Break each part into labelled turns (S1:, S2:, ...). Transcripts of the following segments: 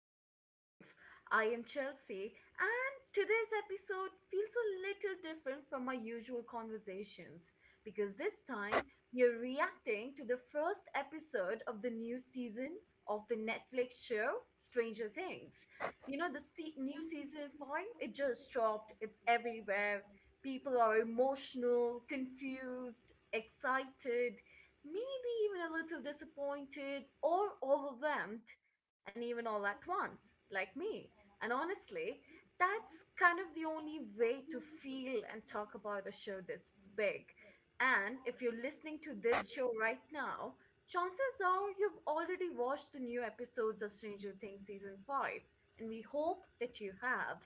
S1: Modern Life. I am Chelsea, and today's episode feels a little different from our usual conversations because this time we are reacting to the first episode of the new season of the Netflix show Stranger Things. New season 5, it just dropped, it's everywhere. People are emotional, confused, excited. Me maybe even a little disappointed or overwhelmed, and even all at once, like me. And honestly, that's kind of the only way to feel and talk about a show this big. And if you're listening to this show right now, chances are you've already watched the new episodes of Stranger Things season 5, and we hope that you have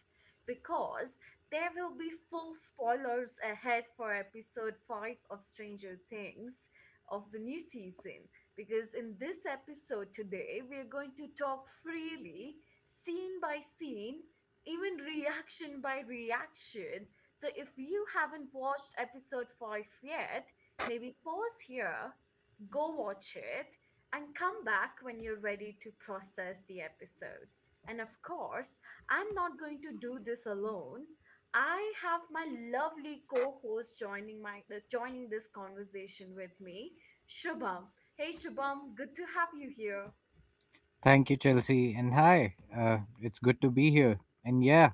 S1: because there will be full spoilers ahead for episode 5 of Stranger Things of the new season, because in this episode today, we're going to talk freely, scene by scene, even reaction by reaction. So if you haven't watched episode 5 yet, maybe pause here, go watch it, and come back when you're ready to process the episode. And of course, I'm not going to do this alone. I have my lovely co-host joining my joining this conversation with me, Shubham. Hey Shubham, good to have you here.
S2: Thank you, Chelsea. And hi, it's good to be here. And yeah,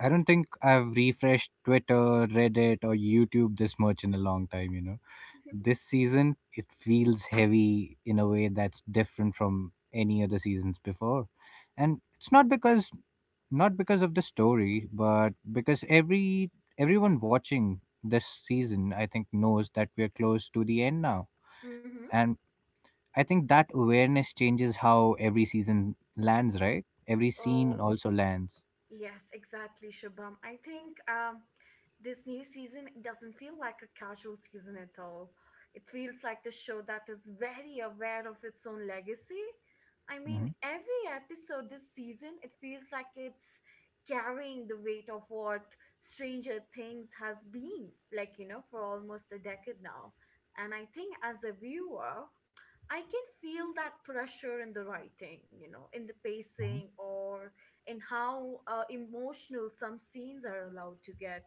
S2: I don't think I've refreshed Twitter, Reddit, or YouTube this much in a long time. This season, it feels heavy in a way that's different from any other seasons before. And it's not because of the story, but because everyone watching this season, I think, knows that we're close to the end now.
S1: Mm-hmm.
S2: And I think that awareness changes how every season lands, right? Every
S1: Oh,
S2: scene also lands.
S1: yes, exactly, Shabam. I think This new season doesn't feel like a casual season at all. It feels like the show that is very aware of its own legacy. I mean,
S2: Hmm.
S1: every episode this season, it feels like it's carrying the weight of what Stranger Things has been, like, you know, for almost a decade now. And I think as a viewer, I can feel that pressure in the writing, you know, in the pacing
S2: Hmm.
S1: or in how emotional some scenes are allowed to get.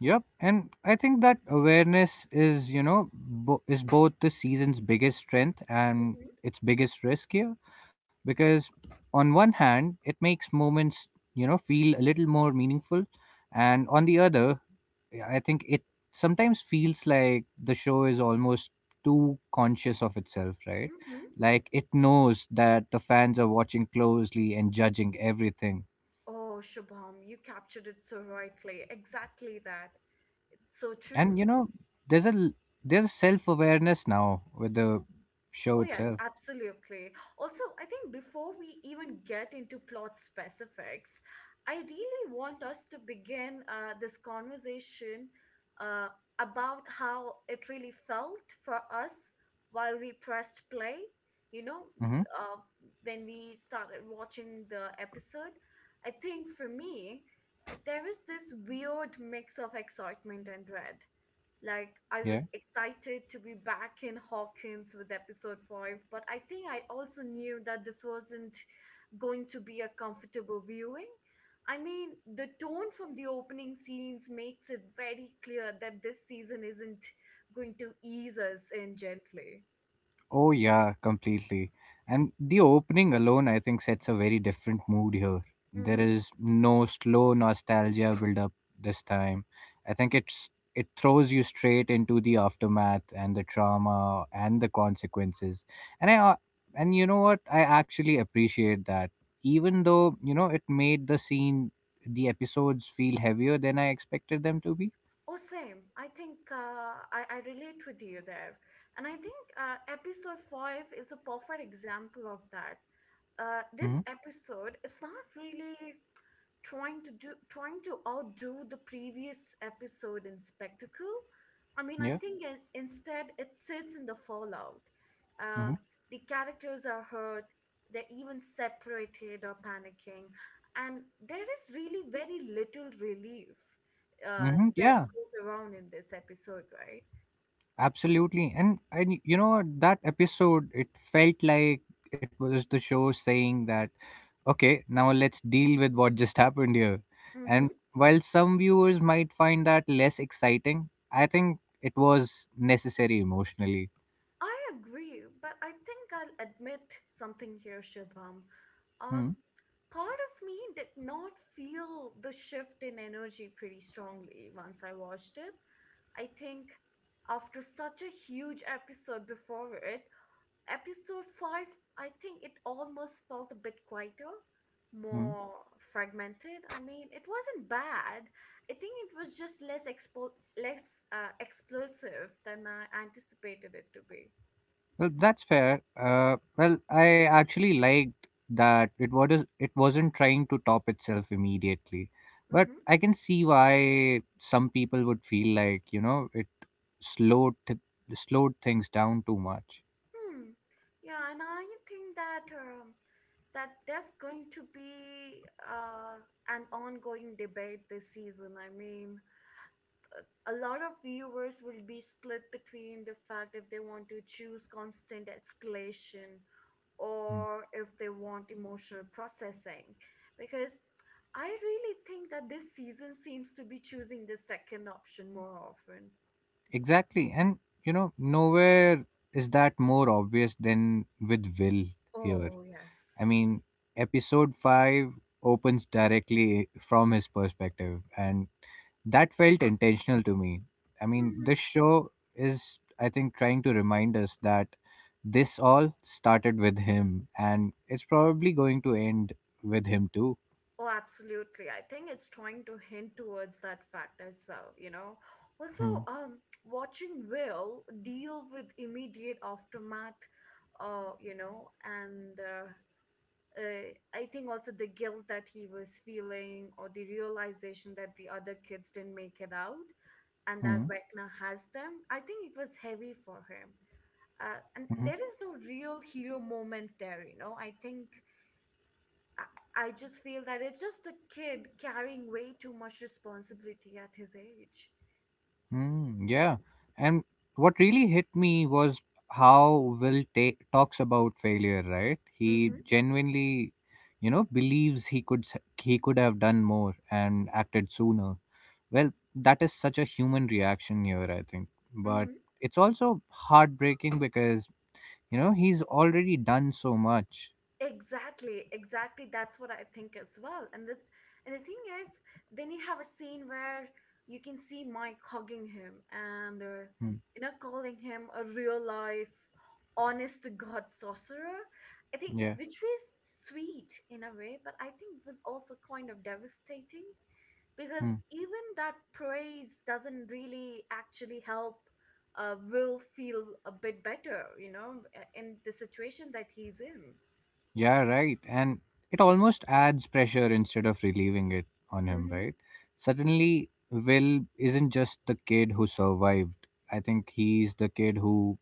S2: Yep, and I think that awareness is, both the season's biggest strength and
S1: hmm
S2: its biggest risk here, because on one hand, it makes moments feel a little more meaningful, and on the other, yeah, I think it sometimes feels like the show is almost too conscious of itself, right?
S1: hmm
S2: Like it knows that the fans are watching closely and judging everything.
S1: Oh, Shubham, you captured it so rightly. Exactly that. It's so true.
S2: And there's there's a self awareness now with the show
S1: Oh, yes,
S2: itself.
S1: absolutely. Also, I think before we even get into plot specifics, I really want us to begin this conversation uh, about how it really felt for us while we pressed play. You know,
S2: Mm-hmm.
S1: uh, when we started watching the episode, I think for me, there was this weird mix of excitement and dread. Like I
S2: Yeah.
S1: was excited to be back in Hawkins with episode 5, but I think I also knew that this wasn't going to be a comfortable viewing. I mean, the tone from the opening scenes makes it very clear that this season isn't going to ease us in gently.
S2: Oh yeah, completely. And the opening alone, I think, sets a very different mood here. There
S1: Mm-hmm.
S2: is no slow nostalgia build up this time. I think it throws you straight into the aftermath and the trauma and the consequences. And I uh, and you know what? I actually appreciate that. Even though, it made the episodes feel heavier than I expected them to be.
S1: Oh, same. I relate with you there. And I think episode 5 is a perfect example of that. This
S2: Mhm.
S1: episode is not really trying to outdo the previous episode in spectacle.
S2: Yeah.
S1: Instead it sits in the fallout. Uh,
S2: Mhm.
S1: the characters are hurt, they're even separated or panicking, and there is really very little relief
S2: Mhm.
S1: that
S2: Yeah.
S1: goes around in this episode, right?
S2: Absolutely. And you know what, that episode, it felt like it was the show saying that okay, now let's deal with what just happened here.
S1: Mm-hmm.
S2: And while some viewers might find that less exciting, I think it was necessary emotionally.
S1: I agree, but I think I'll admit something here, Shubham.
S2: Hmm.
S1: Um, part of me did not feel the shift in energy pretty strongly once I watched it. I think after such a huge episode before it, episode 5, I think it almost felt a bit quieter,
S2: Hmm.
S1: more fragmented. I mean it wasn't bad, I think it was just less explosive than I anticipated it to be.
S2: Well, that's fair. Well, I actually liked that it wasn't trying to top itself immediately. But
S1: mm-hmm.
S2: I can see why some people would feel like, it slowed t- slowed things down too much.
S1: hmm. Yeah, and I think that there's going to be an ongoing debate this season. I mean a lot of viewers will be split between the fact if they want to choose constant escalation
S2: Mm.
S1: or if they want emotional processing, because I really think that this season seems to be choosing the second option more often.
S2: Exactly, and nowhere is that more obvious than with Will here.
S1: Oh, yes.
S2: I mean, episode five opens directly from his perspective, and that felt intentional to me. I mean, this show is, I think, trying to remind us that this all started with him, and it's probably going to end with him too.
S1: Oh, absolutely. I think it's trying to hint towards that fact as well, you know. Also,
S2: Hmm.
S1: watching Will deal with immediate aftermath, you know, and I think also the guilt that he was feeling or the realization that the other kids didn't make it out and
S2: Hmm.
S1: that Vecna has them, I think it was heavy for him. And
S2: Hmm.
S1: there is no real hero moment there, you know. I think I just feel that it's just a kid carrying way too much responsibility at his age.
S2: Mm, yeah. And what really hit me was how Will talks about failure, right? He
S1: Mm-hmm.
S2: genuinely, believes he he could have done more and acted sooner. Well, that is such a human reaction here, I think. But
S1: Mm-hmm.
S2: it's also heartbreaking because, he's already done so much.
S1: Exactly, exactly. That's what I think as well. And the thing is, then you have a scene where you can see Mike hugging him and
S2: Mm,
S1: you know, calling him a real life, honest to God sorcerer. I think
S2: yeah.
S1: which was sweet in a way, but I think was also kind of devastating because
S2: Hmm.
S1: even that praise doesn't really actually help Will feel a bit better, you know, in the situation that he's in.
S2: Yeah, right. And it almost adds pressure instead of relieving it on him,
S1: Mm-hmm.
S2: right? Suddenly, Will isn't just the kid who survived. I think he's the kid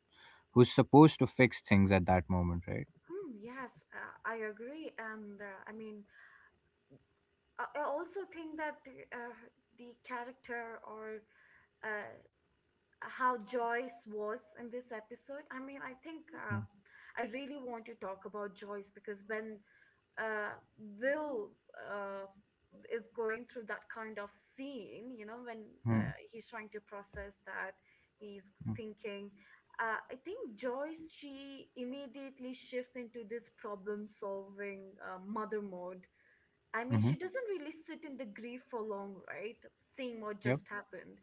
S2: who's supposed to fix things at that moment, right?
S1: Hmm, yes, I agree. And I mean, I also think that uh, the character or uh, how Joyce was in this episode. I mean, I think I really want to talk about Joyce because when uh, Will uh, is going through that kind of scene, you know, when
S2: Mm-hmm.
S1: he's trying to process that, he's thinking. I think Joyce, she immediately shifts into this problem solving mother mode. I mean,
S2: Mm-hmm.
S1: she doesn't really sit in the grief for long, right? Seeing what
S2: Yep.
S1: just happened.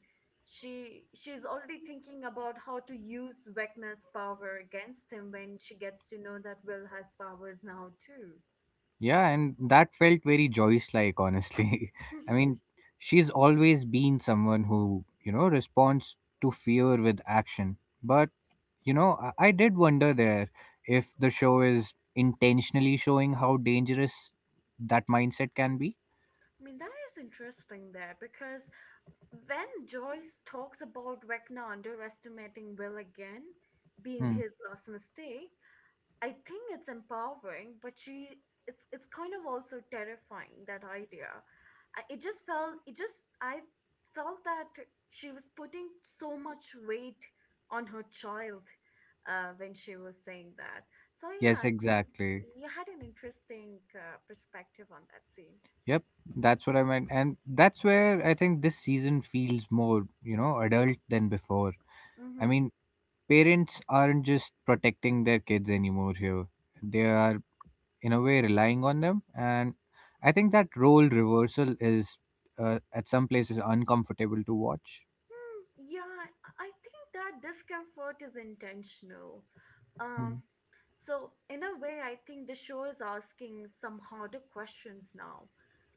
S1: She's already thinking about how to use Vecna's power against him when she gets to know that Will has powers now too.
S2: Yeah, and that felt very Joyce-like, honestly.
S1: I
S2: I mean, she's always been someone who, responds to fear with action, but I did wonder there if the show is intentionally showing how dangerous that mindset can be.
S1: mean, that is interesting there because when Joyce talks about Vecna underestimating Will again being
S2: Hmm.
S1: his last mistake, I think it's empowering, but she it's kind of also terrifying that idea. I, it just felt it just I felt that she was putting so much weight on her child when she was saying that. So
S2: Yes,
S1: yeah, I
S2: exactly.
S1: think you had an interesting perspective on that scene.
S2: Yep, that's what I meant. And that's where I think this season feels more, adult than before. I
S1: Mm-hmm.
S2: mean, parents aren't just protecting their kids anymore here, they are, in a way, relying on them. And I think that role reversal is, at some places, uncomfortable to watch.
S1: Hmm, yeah, I think that discomfort is intentional.
S2: Hmm.
S1: Um, so in a way, I think the show is asking some harder questions now,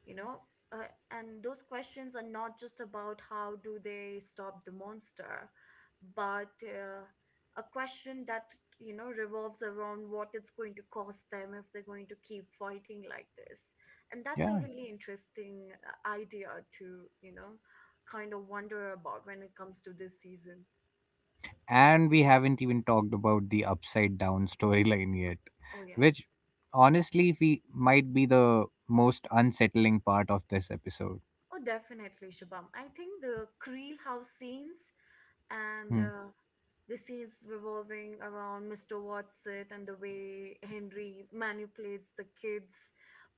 S1: you know, and those questions are not just about how do they stop the monster, but a question that you know revolves around what it's going to cost them if they're going to keep fighting like this, and that's a
S2: Yeah.
S1: really interesting idea to you know kind of wonder about when it comes to this season.
S2: And we haven't even talked about the upside down storyline yet,
S1: Oh,
S2: which
S1: yes.
S2: honestly we might be the most unsettling part of this episode.
S1: Oh, definitely, Shabam. I think the Creel house scenes and
S2: Hmm.
S1: the scenes revolving around Mr. Watson and the way Henry manipulates the kids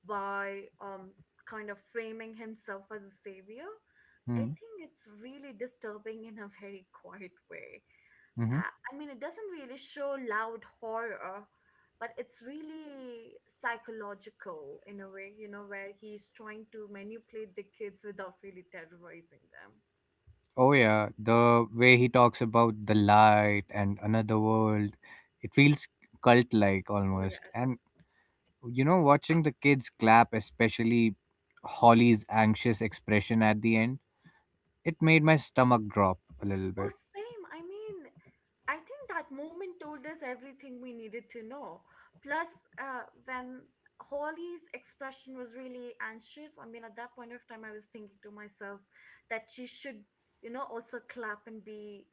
S1: by kind of framing himself as a savior. I
S2: Hmm.
S1: think it's really disturbing in a very quiet way.
S2: Hmm.
S1: Uh, I mean, it doesn't really show loud horror, but it's really psychological in a way, you know, where he's trying to manipulate the kids without really terrorizing them.
S2: Oh yeah, the way he talks about the light and another world, it feels cult-like
S1: Oh,
S2: almost.
S1: yes.
S2: And watching the kids clap, especially Holly's anxious expression at the end, it made my stomach drop a little
S1: Oh,
S2: bit.
S1: same. I mean, I think that moment told us everything we needed to know. Plus, when Holly's expression was really anxious, I mean, at that point of time, I was thinking to myself that she should, you know, also clap and be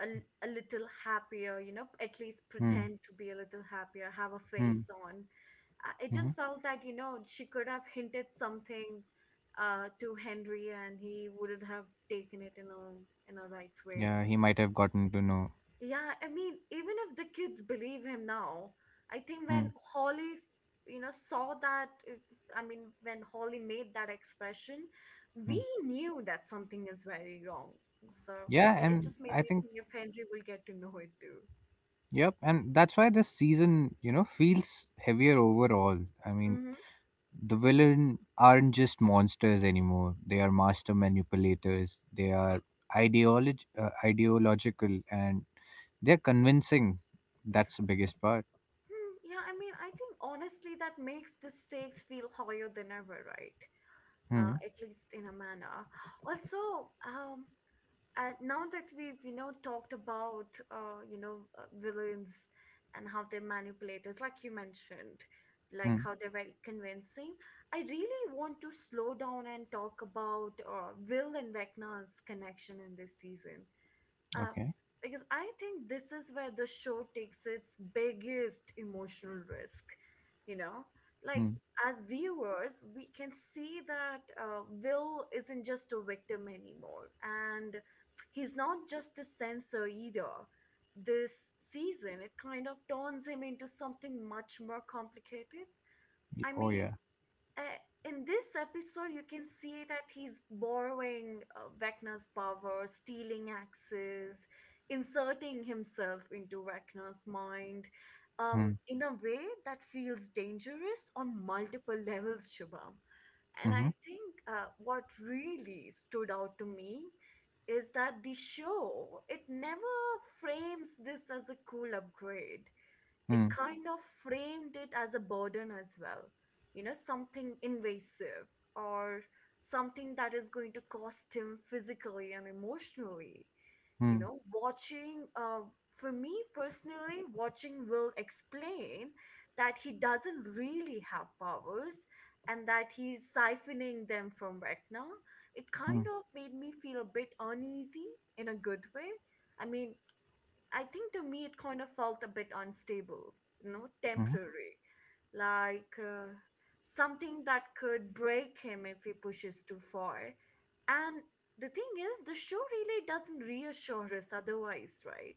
S1: a little happier, you know, at least
S2: Hmm.
S1: pretend to be a little happier, have a
S2: Hmm.
S1: face on. It
S2: Hmm.
S1: just felt that, you know, she could have hinted something to Henry and he wouldn't have taken it in a right way.
S2: Yeah, he might have gotten to know.
S1: Yeah, I mean, even if the kids believe him now, I think
S2: Hmm.
S1: when Holly, you know, saw that, I mean, when Holly made that expression,
S2: Hmm.
S1: we knew that something is very wrong. So
S2: Yeah,
S1: it just made
S2: and
S1: me
S2: I
S1: think if
S2: think,
S1: Henry will get to know it too.
S2: yep, and that's why this season, feels heavier overall. I mean,
S1: Mm-hmm.
S2: the villain aren't just monsters anymore. They are master manipulators. They are ideological, and they're convincing. That's the biggest part.
S1: Hmm, yeah, I mean, I think honestly that makes the stakes feel higher than ever, right?
S2: Hmm.
S1: At least in a manner. Also, now that we've you know talked about villains and how they're manipulators like you mentioned, like
S2: Hmm.
S1: how they're very convincing, I really want to slow down and talk about Will and Vecna's connection in this season, uh,
S2: Okay.
S1: because I think this is where the show takes its biggest emotional risk. You know, like
S2: Hmm.
S1: as viewers, we can see that Will isn't just a victim anymore, and he's not just a censor either. This season, it kind of turns him into something much more complicated. I
S2: Oh
S1: mean,
S2: yeah.
S1: uh, in this episode, you can see that he's borrowing Vecna's power, stealing axes, inserting himself into Vecna's mind
S2: Hmm.
S1: in a way that feels dangerous on multiple levels, Shubham. And I
S2: Mm-hmm.
S1: think what really stood out to me is that the show, it never frames this as a cool upgrade, it
S2: Hmm.
S1: kind of framed it as a burden as well. You know, something invasive or something that is going to cost him physically and emotionally. You
S2: Hmm.
S1: know, watching, for me personally, watching Will explain that he doesn't really have powers and that he's siphoning them from Vecna, it
S2: Hmm.
S1: kind of made me feel a bit uneasy in a good way. I mean, I think to me it kind of felt a bit unstable, you know,
S2: Hmm.
S1: temporary, like something that could break him if he pushes too far. And the thing is, the show really doesn't reassure us otherwise, right?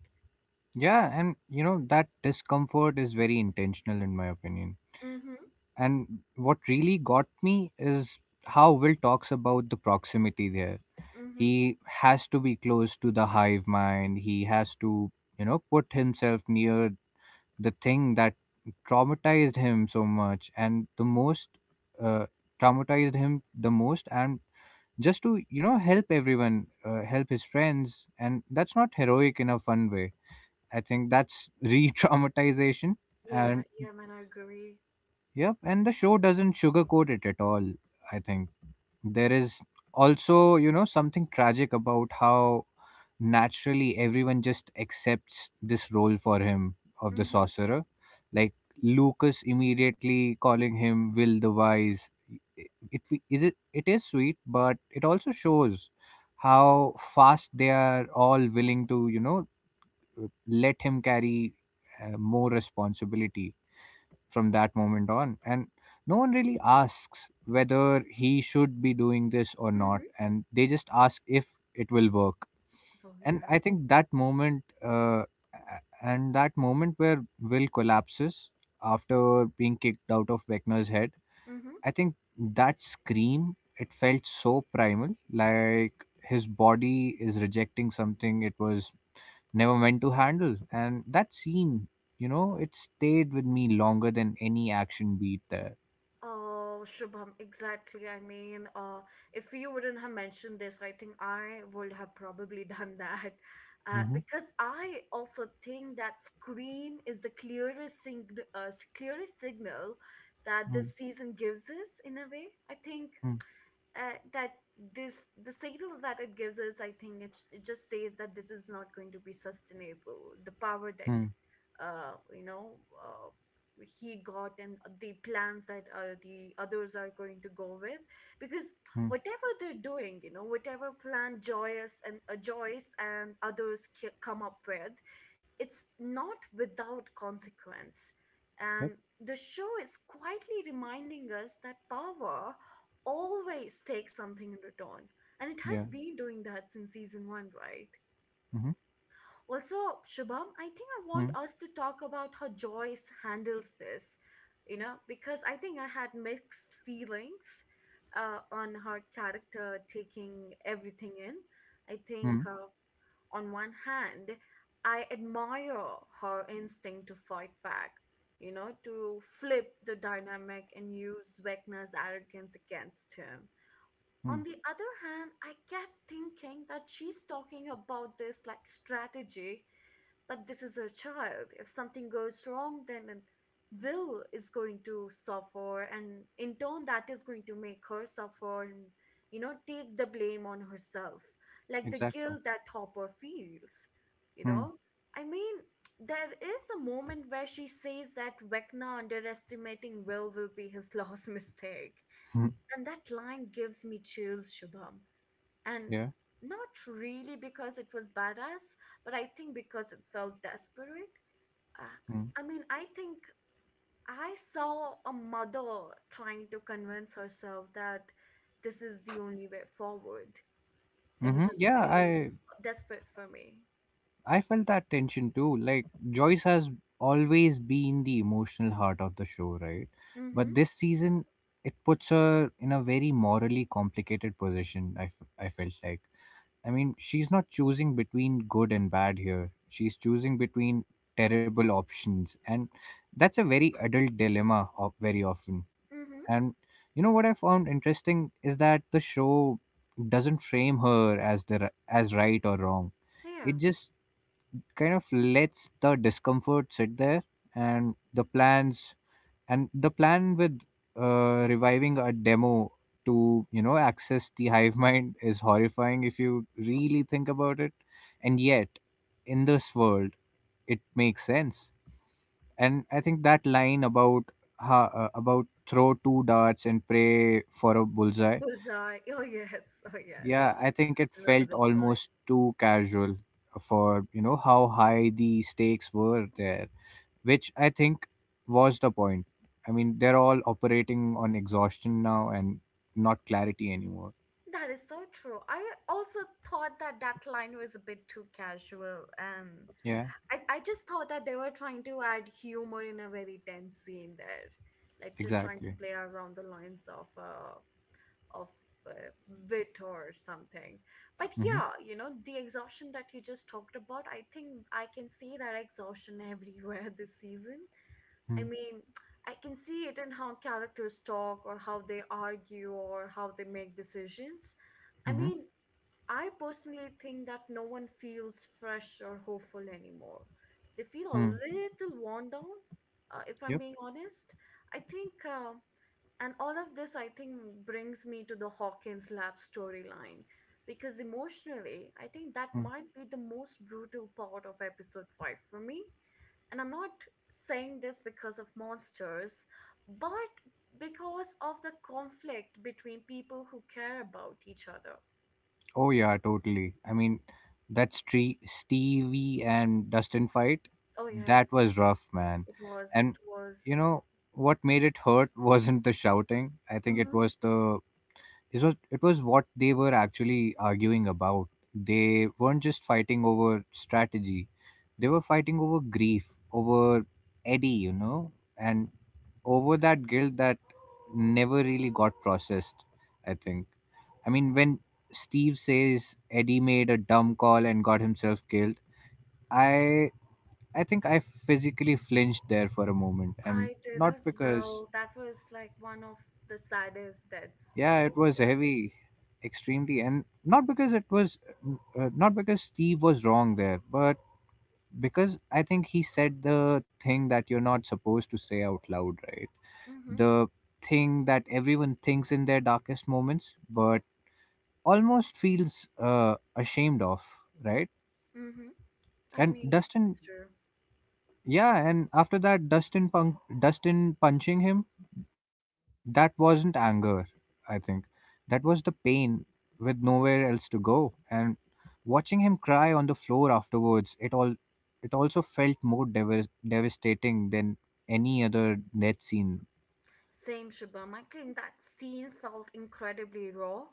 S2: Yeah, and that discomfort is very intentional, in my opinion.
S1: Mm-hmm.
S2: And what really got me is how Will talks about the proximity there.
S1: Mm-hmm.
S2: He has to be close to the hive mind. He has to, put himself near the thing that traumatized him so much and the most uh, traumatized him the most, and just to help everyone, help his friends. And that's not heroic in a fun way. I think that's re-traumatization.
S1: Yeah,
S2: And
S1: yeah, man, I agree.
S2: yep, and the show doesn't sugarcoat it at all, I think. There is also, something tragic about how naturally everyone just accepts this role for him, of the
S1: Mm-hmm.
S2: sorcerer. Like Lucas immediately calling him Will the Wise. It, it is sweet, but it also shows how fast they are all willing to, let him carry, more responsibility from that moment on, and no one really asks whether he should be doing this or not.
S1: Mm-hmm.
S2: And they just ask if it will work.
S1: Oh
S2: And
S1: yeah.
S2: I think that moment a- and that moment where Will collapses after being kicked out of Vecna's head,
S1: Mm-hmm.
S2: I think that scream, it felt so primal, like his body is rejecting something it was never meant to handle. And that scene, it stayed with me longer than any action beat there.
S1: Oh, Shubham, exactly. I mean, if you wouldn't have mentioned this, I think I would have probably done that.
S2: Mm-hmm.
S1: Because I also think that Scream is the clearest, clearest signal that
S2: Mm.
S1: this season gives us in a way. I think
S2: Hmm.
S1: that this the signal that it gives us, I think it just says that this is not going to be sustainable, the power that
S2: Mm.
S1: uh, you know uh, he got, and the plans that the others are going to go with, because
S2: Mm.
S1: whatever they're doing, you know, whatever plan joyous and Joyce and others come up with, it's not without consequence.
S2: Yep.
S1: And the show is quietly reminding us that power always take something in return. And it has
S2: Yeah.
S1: been doing that since season one, right?
S2: Mm-hmm.
S1: Also, Shubham, I think I want
S2: Mm.
S1: us to talk about how Joyce handles this, you know, because I think I had mixed feelings on her character taking everything in. I think,
S2: Mm.
S1: on one hand, I admire her instinct to fight back, you know, to flip the dynamic and use Vecna's arrogance against him.
S2: Mm.
S1: On the other hand, I kept thinking that she's talking about this like strategy, but this is her child. If something goes wrong, then Will is going to suffer, and in turn, that is going to make her suffer and, you know, take the blame on herself. Like the
S2: Exactly.
S1: guilt that Hopper feels, you
S2: Mm.
S1: know? I mean, there is a moment where she says that Vecna underestimating will be his last mistake,
S2: Hmm.
S1: and that line gives me chills, Shubham. And
S2: Yeah.
S1: not really because it was badass, but I think because it felt desperate. Uh,
S2: Mm.
S1: I mean, I think I saw a mother trying to convince herself that this is the only way forward, and
S2: Mm-hmm.
S1: which is
S2: Yeah.
S1: pretty
S2: I
S1: desperate for me.
S2: I felt that tension too. Like Joyce has always been the emotional heart of the show, right?
S1: Mm-hmm.
S2: But this season, it puts her in a very morally complicated position. I felt like, I mean, she's not choosing between good and bad here. She's choosing between terrible options. And that's a very adult dilemma of, very often.
S1: Mm-hmm.
S2: And you know what I found interesting is that the show doesn't frame her as right or wrong.
S1: Yeah.
S2: It just kind of lets the discomfort sit there, and the plans, and the plan with, reviving a demo to, access the hive mind, is horrifying if you really think about it. And yet, in this world, it makes sense. And I think that line about about throw two darts and pray for a bullseye,
S1: Bullseye. Oh yes. Oh yes.
S2: yeah, I think it
S1: I remember
S2: felt
S1: that.
S2: almost too casual for, how high the stakes were there, which I think was the point. I mean, they're all operating on exhaustion now, and not clarity anymore.
S1: That is so true. I also thought that that line was a bit too casual, and
S2: Yeah,
S1: I just thought that they were trying to add humor in a very tense scene there, like just trying to
S2: exactly.
S1: play around the lines of of uh, wit or something. But
S2: Mm-hmm.
S1: yeah, you know, the exhaustion that you just talked about, I think I can see that exhaustion everywhere this season. I
S2: Mm-hmm.
S1: mean, I can see it in how characters talk or how they argue or how they make decisions. I
S2: Mm-hmm.
S1: mean, I personally think that no one feels fresh or hopeful anymore. They feel a
S2: Mm.
S1: little worn down, if I'm
S2: Yep.
S1: being honest. I think, and all of this, I think, brings me to the Hawkins Lab storyline, because emotionally, I think that
S2: Mm.
S1: might be the most brutal part of episode 5 for me. And I'm not saying this because of monsters, but because of the conflict between people who care about each other.
S2: Oh, yeah, totally. I mean, that Stevie and Dustin fight,
S1: Oh, yes.
S2: that was rough, man.
S1: It was, it
S2: And,
S1: was.
S2: you know, what made it hurt wasn't the shouting. I think it
S1: Hmm.
S2: was what they were actually arguing about. They weren't just fighting over strategy. They were fighting over grief, over Eddie, and over that guilt that never really got processed, I think. I mean, when Steve says Eddie made a dumb call and got himself killed, I I think I physically flinched there for a moment, and
S1: I did
S2: not
S1: as
S2: because,
S1: well. That was like one of the saddest deaths in
S2: yeah, it
S1: this
S2: was
S1: year.
S2: heavy, extremely, and not because Steve was wrong there, but because I think he said the thing that you're not supposed to say out loud, right?
S1: Mm-hmm.
S2: The thing that everyone thinks in their darkest moments, but almost feels ashamed of, right?
S1: Mm-hmm. I
S2: And
S1: mean,
S2: Dustin,
S1: it's true.
S2: yeah, and after that, Dustin punk, Dustin punching him, that wasn't anger, I think. That was the pain with nowhere else to go, and watching him cry on the floor afterwards, it also felt more devastating than any other death scene.
S1: Same, Shubham. I think that scene felt incredibly raw,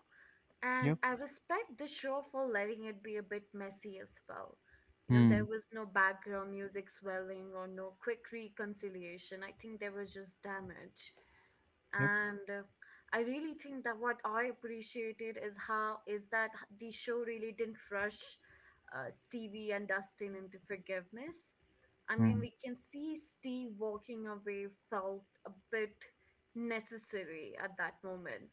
S1: and
S2: Yep.
S1: I respect the show for letting it be a bit messy as well. You know, there
S2: Hmm.
S1: was no background music swelling or no quick reconciliation. I think there was just damage.
S2: Yep.
S1: And I really think that what I appreciated is how is that h- the show really didn't rush Stevie and Dustin into forgiveness. I mean,
S2: Hmm.
S1: we can see Steve walking away felt a bit necessary at that moment,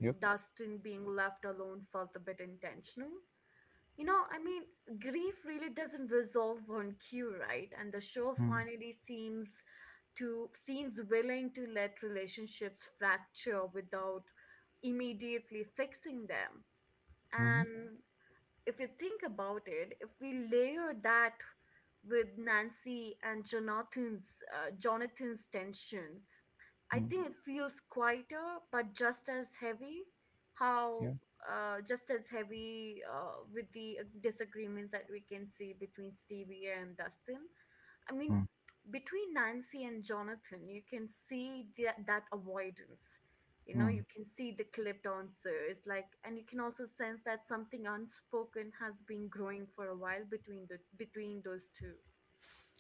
S2: Yep.
S1: Dustin being left alone felt a bit intentional. You know, I mean, grief really doesn't resolve on cue, right? And the show
S2: Hmm.
S1: finally seems willing to let relationships fracture without immediately fixing them.
S2: Mm-hmm.
S1: And if you think about it, if we layer that with Nancy and Jonathan's Jonathan's tension, I
S2: Hmm.
S1: think it feels quieter, but just as heavy. How
S2: Yep.
S1: Just as heavy with the disagreements that we can see between Stevie and Dustin. I mean,
S2: Hmm.
S1: between Nancy and Jonathan, you can see that that avoidance. You know, you
S2: Hmm.
S1: can see the clipped answers, like, and you can also sense that something unspoken has been growing for a while between the between those two.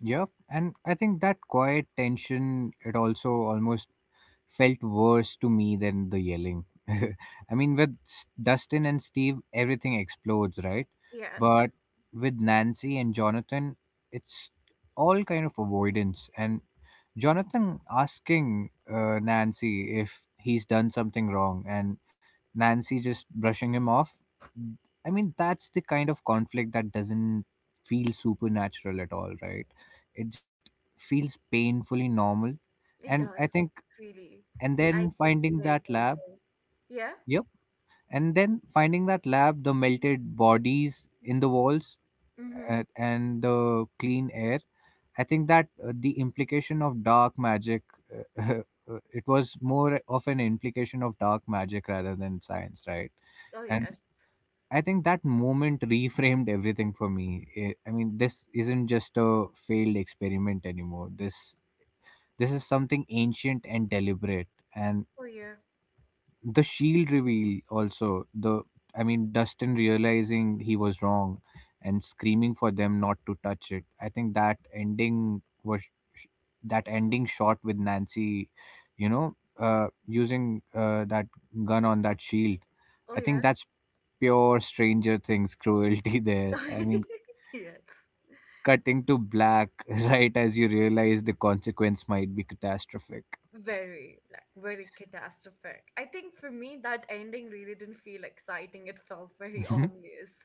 S2: Yep. And I think that quiet tension, it also almost felt worse to me than the yelling. I mean, with Dustin and Steve, everything explodes, right?
S1: Yes.
S2: But with Nancy and Jonathan, it's all kind of avoidance, and Jonathan asking, Nancy if he's done something wrong, and Nancy just brushing him off. I mean, that's the kind of conflict that doesn't feel supernatural at all, right? It just feels painfully normal.
S1: It
S2: And
S1: does,
S2: I think,
S1: really.
S2: and
S1: I,
S2: then
S1: it's
S2: finding
S1: very
S2: that lab,
S1: painful. Yeah?
S2: yep, and then finding that lab, the melted bodies in the walls,
S1: Mm-hmm.
S2: and the clean air, I think that, the implication of dark magic, uh, it was more of an implication of dark magic rather than science, right?
S1: Oh
S2: And
S1: yes.
S2: I think that moment reframed everything for me. I mean, this isn't just a failed experiment anymore. This is something ancient and deliberate, and
S1: Oh yeah.
S2: the shield reveal, also the I mean, Dustin realizing he was wrong and screaming for them not to touch it, I think that ending was, that ending shot with Nancy, you know, using that gun on that shield.
S1: Oh
S2: I think
S1: yeah.
S2: that's pure Stranger Things cruelty there. I mean,
S1: Yes.
S2: cutting to black right as you realize the consequence might be catastrophic.
S1: Very, like very catastrophic. I think for me that ending really didn't feel exciting. It felt very ominous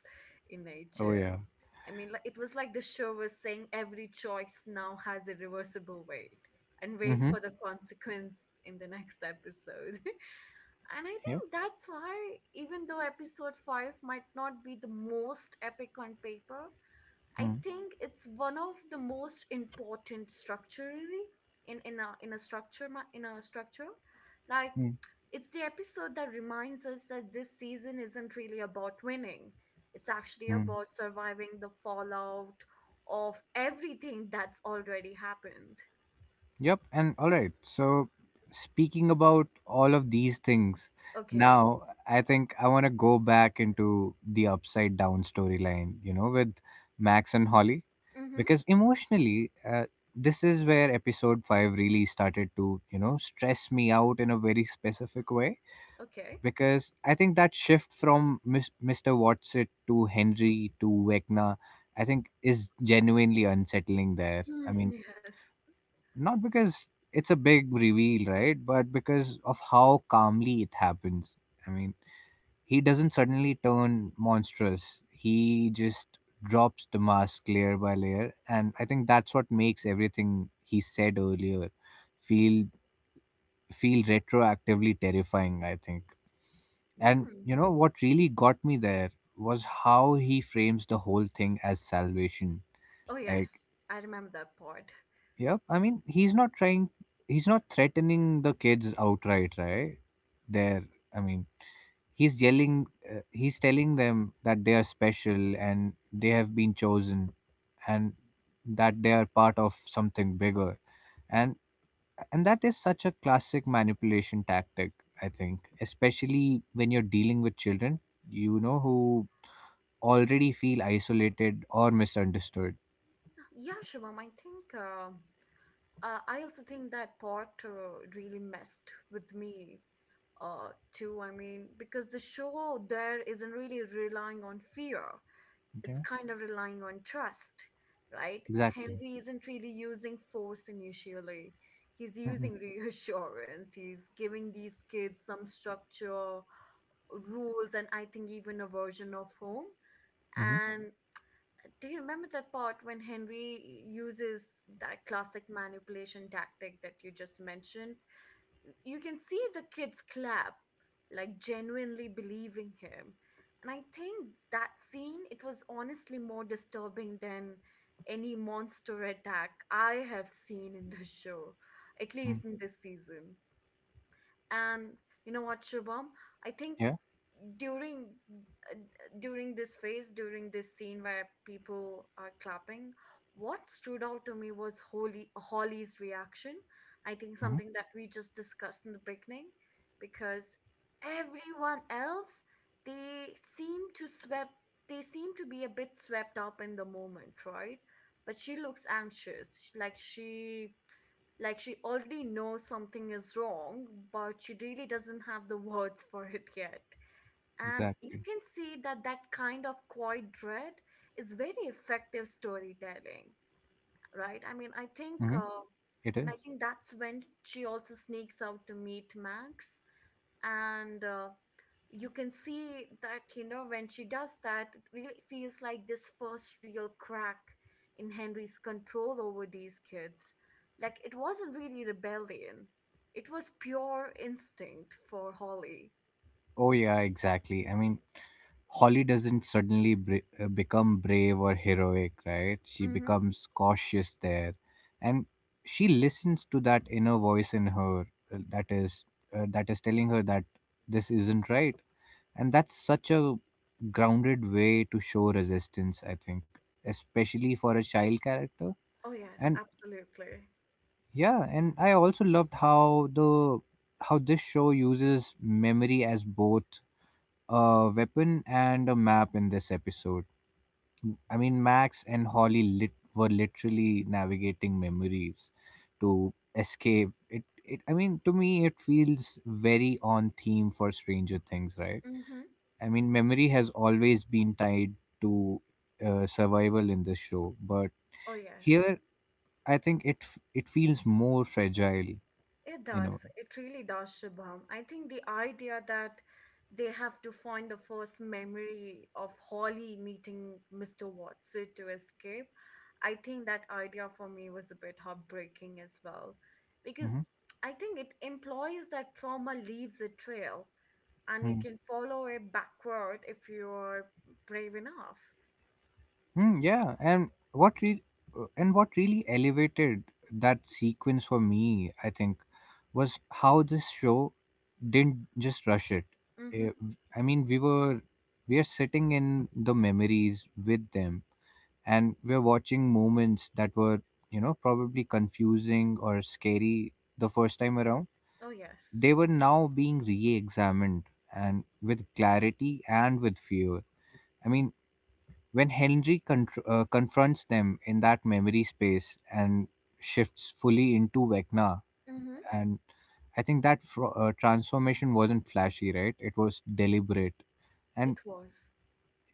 S1: in
S2: Oh
S1: nature.
S2: yeah.
S1: I mean, like it was like the show was saying every choice now has a reversible weight and wait
S2: Mm-hmm.
S1: for the consequence in the next episode. And I think
S2: Yeah.
S1: that's why, even though episode 5 might not be the most epic on paper, I
S2: Mm-hmm.
S1: think it's one of the most important structurally, in a structure. Like
S2: Mm-hmm.
S1: it's the episode that reminds us that this season isn't really about winning. It's actually about surviving the fallout of everything that's already happened.
S2: Yep, and all right. So, speaking about all of these things,
S1: Okay.
S2: now I think I want to go back into the upside down storyline, you know, with Max and Holly,
S1: Mm-hmm.
S2: because emotionally, this is where episode 5 really started to, you know, stress me out in a very specific way.
S1: Okay.
S2: Because I think that shift from Mr. Watson to Henry to Vecna, I think, is genuinely unsettling there. I mean,
S1: Mm,
S2: not because it's a big reveal, right? But because of how calmly it happens. I mean, he doesn't suddenly turn monstrous. He just drops the mask layer by layer, and I think that's what makes everything he said earlier feel feel retroactively terrifying, I think. And
S1: yes.
S2: you know what really got me there was how he frames the whole thing as salvation.
S1: Oh
S2: Like.
S1: yes, I remember that part.
S2: Yep. I mean, he's not trying. He's not threatening the kids outright, right? They're. I mean, he's yelling. He's telling them that they are special and they have been chosen and that they are part of something bigger. And that is such a classic manipulation tactic, I think, especially when you're dealing with children, you know, who already feel isolated or misunderstood.
S1: Yeah, Shivam, I think I also think that part really messed with me too. I mean, because the show there isn't really relying on fear; it's
S2: Yeah.
S1: kind of relying on trust, right?
S2: Exactly.
S1: Henry isn't really using force initially. He's
S2: Mm-mm.
S1: using reassurance. He's giving these kids some structure, rules, and I think even a version of home. Mm.
S2: Mm-hmm.
S1: And do you remember that part when Henry uses that classic manipulation tactic that you just mentioned? You can see the kids clap, like genuinely believing him. And I think that scene, it was honestly more disturbing than any monster attack I have seen in the show, at
S2: Mm-hmm.
S1: least in this season. And you know what, Shubham? I think
S2: Yeah.
S1: during uh, during this phase, during this scene where people are clapping, what stood out to me was Holly's reaction. I think
S2: Mm-hmm.
S1: something that we just discussed in the beginning, because everyone else, they seem to swept they seem to be a bit swept up in the moment, right? But she looks anxious, like she already knows something is wrong, but she really doesn't have the words for it yet. And you
S2: Exactly.
S1: can see that that kind of quiet dread is very effective storytelling, right? I mean, I think,
S2: Mhm. It is.
S1: and I think that's when she also sneaks out to meet Max. And you can see that, you know, when she does that, it really feels like this first real crack in Henry's control over these kids. Like it wasn't really rebellion, it was pure instinct for Holly.
S2: Oh, yeah, exactly. I mean, Holly doesn't suddenly become brave or heroic, right? She
S1: Mm-hmm.
S2: becomes cautious there. And she listens to that inner voice in her, uh, that is that is telling her that this isn't right. And that's such a grounded way to show resistance, I think, especially for a child character.
S1: Oh yes,
S2: And
S1: absolutely.
S2: yeah, and I also loved how this show uses memory as both a weapon and a map in this episode. I mean, Max and Holly, were literally navigating memories to escape. I mean, to me, it feels very on theme for Stranger Things, right?
S1: Mm-hmm.
S2: I mean, memory has always been tied to, survival in this show, but
S1: Oh yes.
S2: here I think it feels more fragile
S1: It
S2: in
S1: does.
S2: a
S1: It really does, Shubham. I think the idea that they have to find the first memory of Holly meeting Mr. Watson to escape, I think that idea for me was a bit heartbreaking as well. Because
S2: way.
S1: I think it implies that trauma leaves a trail and you
S2: Hmm.
S1: can follow it backward if you are brave enough.
S2: Hmm, yeah, and and what really elevated that sequence for me, I think, was how this show didn't just rush it.
S1: Mm-hmm.
S2: Eh, I mean, we are sitting in the memories with them, and we're watching moments that were, you know, probably confusing or scary the first time around.
S1: Oh, yes.
S2: They were now being re-examined, and with clarity and with fear. I mean, when Henry confronts them in that memory space and shifts fully into Vecna,
S1: Mm-hmm.
S2: and I think that transformation wasn't flashy, right? It was deliberate. And
S1: It was.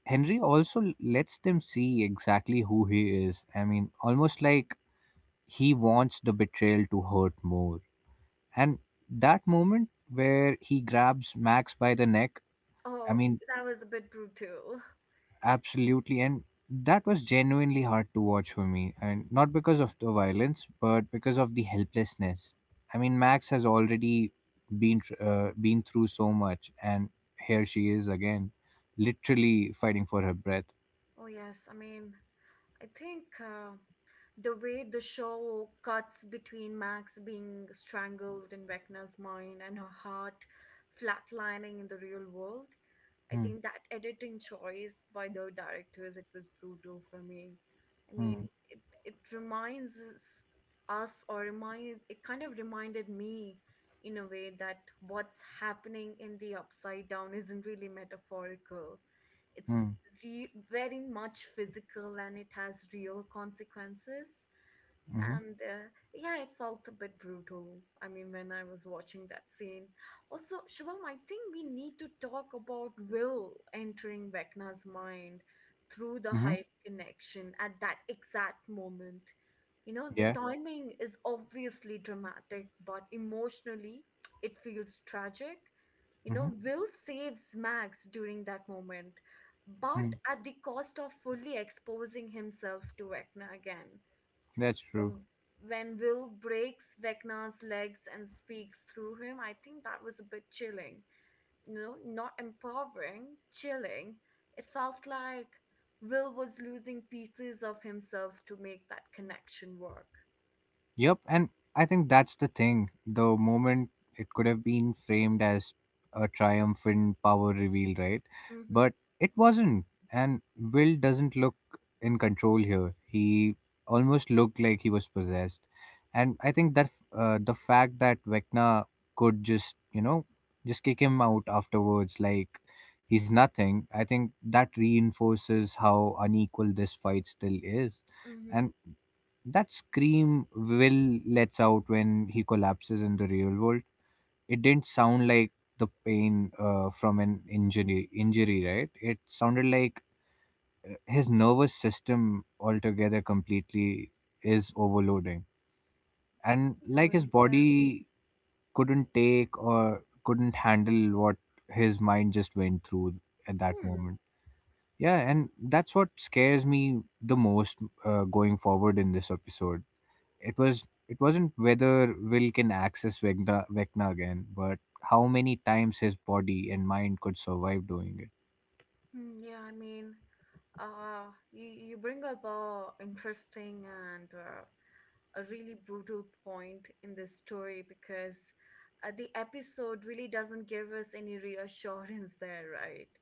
S2: Henry also lets them see exactly who he is. I mean, almost like he wants the betrayal to hurt more. And that moment where he grabs Max by the neck, I
S1: Oh,
S2: mean.
S1: that was a bit brutal.
S2: Absolutely. And that was genuinely hard to watch for me. And not because of the violence, but because of the helplessness. I mean, Max has already been through so much. And here she is again, literally fighting for her breath.
S1: Oh, yes. I mean, I think the way the show cuts between Max being strangled in Vecna's mind and her heart flatlining in the real world, I
S2: Hmm.
S1: think that editing choice by the directors, it was brutal for me. I
S2: Hmm.
S1: mean, it reminds us, us or remind it kind of reminded me in a way that what's happening in the upside down isn't really metaphorical. It's
S2: Hmm.
S1: very much physical and it has real consequences.
S2: Mm-hmm.
S1: And yeah, it felt a bit brutal. I mean, when I was watching that scene, also Shivam, I think we need to talk about Will entering Vecna's mind through the
S2: Mm-hmm.
S1: hive connection at that exact moment. You know, the
S2: Yeah.
S1: timing is obviously dramatic, but emotionally it feels tragic. You know,
S2: Mm-hmm.
S1: Will saves Max during that moment, but
S2: Mm.
S1: at the cost of fully exposing himself to Vecna again.
S2: That's true.
S1: When Will breaks Vecna's legs and speaks through him, I think that was a bit chilling. You know, not empowering, chilling. It felt like Will was losing pieces of himself to make that connection work.
S2: Yep, and I think that's the thing. The moment, it could have been framed as a triumphant power reveal, right?
S1: Mm-hmm.
S2: But it wasn't. And Will doesn't look in control here. He almost looked like he was possessed. And I think that, the fact that Vecna could just, you know, just kick him out afterwards, like he's nothing, I think that reinforces how unequal this fight still is.
S1: Mm-hmm.
S2: And that scream Will lets out when he collapses in the real world, it didn't sound like the pain from an injury, right? It sounded like, his nervous system altogether completely is overloading. And
S1: No
S2: like his
S1: way. Yeah.
S2: body couldn't take, or couldn't handle, what his mind just went through at that
S1: Hmm.
S2: moment. Yeah, and that's what scares me the most, going forward in this episode. it was it wasn't whether Will can access Vecna again, but how many times his body and mind could survive doing it.
S1: Hmm, yeah. I mean, uh, you bring up a interesting and a really brutal point in this story because the episode really doesn't give us any reassurance there, right?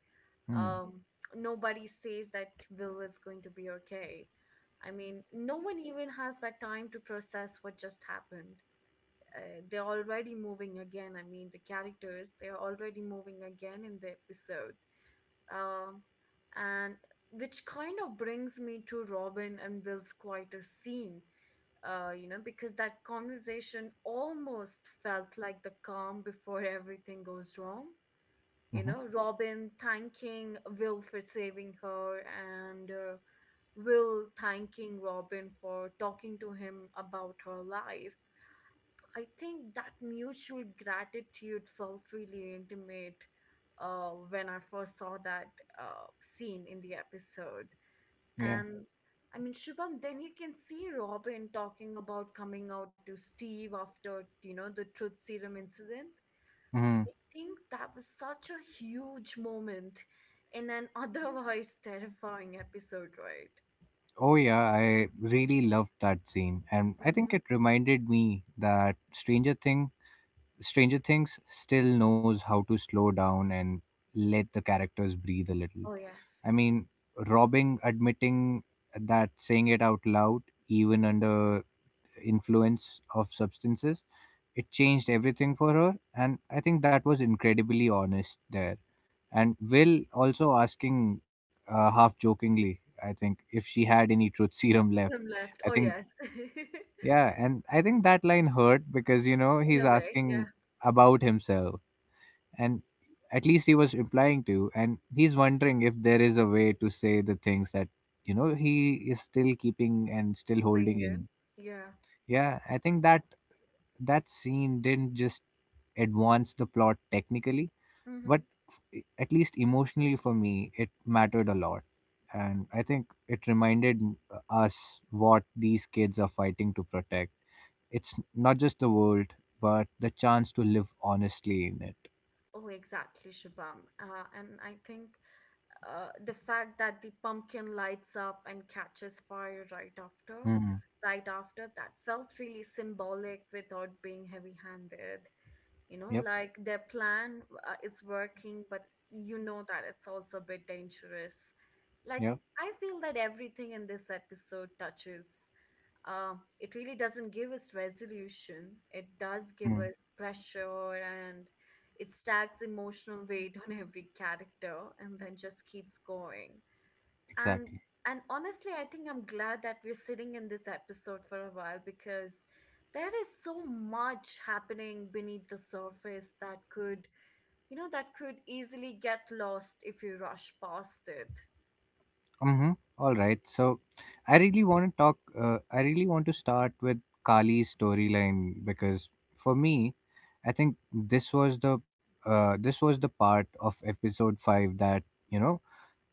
S1: Mhm.
S2: Hmm.
S1: Nobody says that Will is going to be okay. I mean, no one even has that time to process what just happened. They're already moving again. I mean, the characters, they're already moving again in the episode. Um, and Which kind of brings me to Robin and Will's quieter scene, you know, because that conversation almost felt like the calm before everything goes wrong. You
S2: Hmm.
S1: know, Robin thanking Will for saving her, and Will thanking Robin for talking to him about her life. I think that mutual gratitude felt really intimate when I first saw that scene in the episode.
S2: Yeah.
S1: And I mean, Shubham, then you can see Robin talking about coming out to Steve after, you know, the truth serum incident.
S2: Hmm.
S1: I think that was such a huge moment in an otherwise terrifying episode, right?
S2: Oh yeah, I really loved that scene, and I think
S1: Hmm.
S2: it reminded me that Stranger Things still knows how to slow down and let the characters breathe a little.
S1: Oh,
S2: I
S1: yes.
S2: mean, robbing admitting, that saying it out loud, even under influence of substances, it changed everything for her, and I think that was incredibly honest there. And Will also asking, half jokingly, I think, if she had any truth serum left.
S1: Him left.
S2: I
S1: Oh,
S2: think,
S1: yes.
S2: yeah, and I think that line hurt because, you know,
S1: In
S2: he's
S1: a way, yeah.
S2: asking about himself. And at least he was implying to, and he's wondering if there is a way to say the things that, you know, he is still keeping and still holding
S1: Holding
S2: in.
S1: in. Yeah.
S2: Yeah, I think that that scene didn't just advance the plot technically,
S1: Mm-hmm.
S2: but, e, at least emotionally for me, it mattered a lot. And I think it reminded, us what these kids are fighting to protect. It's not just the world, but the chance to live honestly in it.
S1: Oh, exactly, Shubham. And I think the fact that the pumpkin lights up and catches fire right after
S2: Mm.
S1: right after that felt really symbolic without being heavy-handed, you know,
S2: Yep,
S1: like their plan is working, but you know that it's also a bit dangerous. like
S2: yep,
S1: I feel that everything in this episode touches uh, it really doesn't give us resolution. It does give
S2: mm.
S1: us pressure, and it stacks emotional weight on every character and then just keeps going. And
S2: Exactly.
S1: and honestly, I think I'm glad that we're sitting in this episode for a while because there is so much happening beneath the surface that could, you know, that could easily get lost if you rush past it.
S2: Mm-hmm. All right. So, I really want to talk. I really want to start with Kali's storyline, because for me, I think this was the part of episode five that, you know,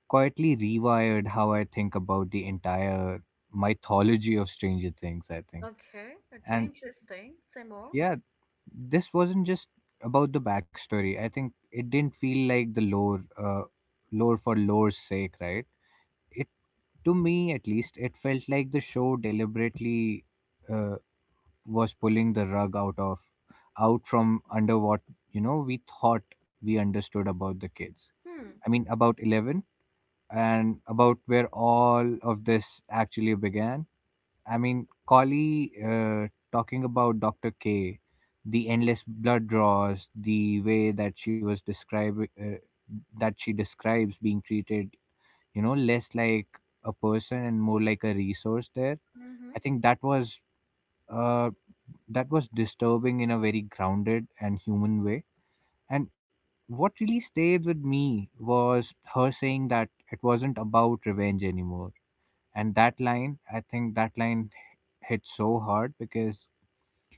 S2: quietly rewired how I think about the entire mythology of Stranger Things, I think.
S1: Okay, okay,
S2: And
S1: interesting. Say more.
S2: yeah, this wasn't just about the backstory. I think it didn't feel like the lore, lore for lore's sake, right? It To me, at least, it felt like the show deliberately, uh, was pulling the rug out from under what, you know, we thought we understood about the kids.
S1: Hmm.
S2: I mean, about Eleven, and about where all of this actually began. I mean, Collie, talking about Doctor K, the endless blood draws, the way that she was describing, that she describes being treated, you know, less like a person and more like a resource there.
S1: Mm-hmm.
S2: I think that was, uh disturbing in a very grounded and human way. And what really stayed with me was her saying that it wasn't about revenge anymore. And that line, I think that line hit so hard because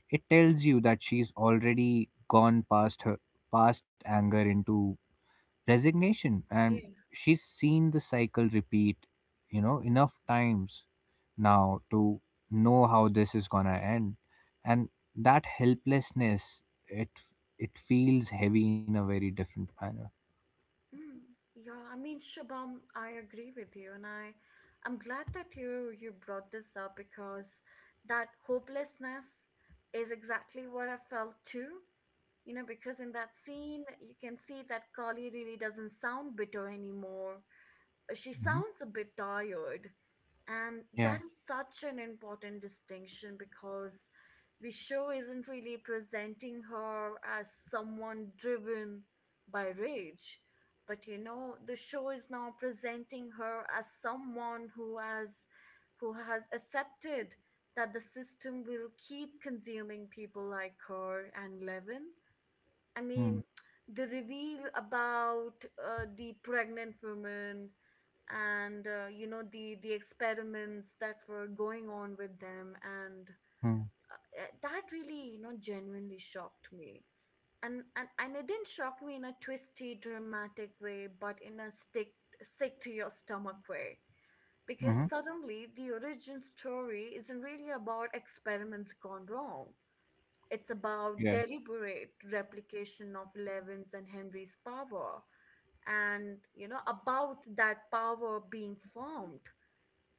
S2: it tells you that she's already gone past anger into resignation. And
S1: Yeah.
S2: she's seen the cycle repeat, you know, enough times now, to know how this is going to end. And that helplessness, it it feels heavy in a very different manner.
S1: Mm, yeah, I mean, Shabam, I agree with you, and I'm glad that you brought this up because that hopelessness is exactly what I felt too. You know, because in that scene, you can see that Kali really doesn't sound bitter anymore. She
S2: Hmm.
S1: sounds a bit tired. And
S2: Yeah.
S1: that is such an important distinction because the show isn't really presenting her as someone driven by rage. But you know, the show is now presenting her as someone who has, who has accepted that the system will keep consuming people like her and Levin. I
S2: Mm-hmm.
S1: mean, the reveal about the pregnant woman and you know the experiments that were going on with them, and
S2: Hmm.
S1: that really, you know, genuinely shocked me. And it didn't shock me in a twisty dramatic way, but in a stick sick to your stomach way, because
S2: Mm-hmm.
S1: suddenly the origin story isn't really about experiments gone wrong, it's about
S2: Yeah.
S1: deliberate replication of Levin's and Henry's power, and, you know, about that power being formed.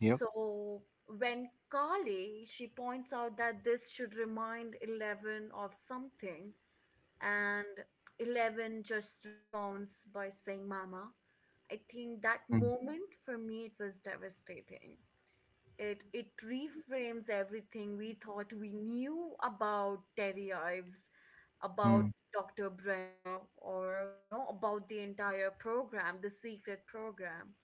S2: Yep.
S1: when Carly, she points out that this should remind Eleven of something, and Eleven just responds by saying, Mama. I think that moment for me, it was devastating. It reframes everything we thought we knew about Terry Ives, about
S2: Mm-hmm.
S1: Dr. Brenner, or you know, about the entire program, the secret program.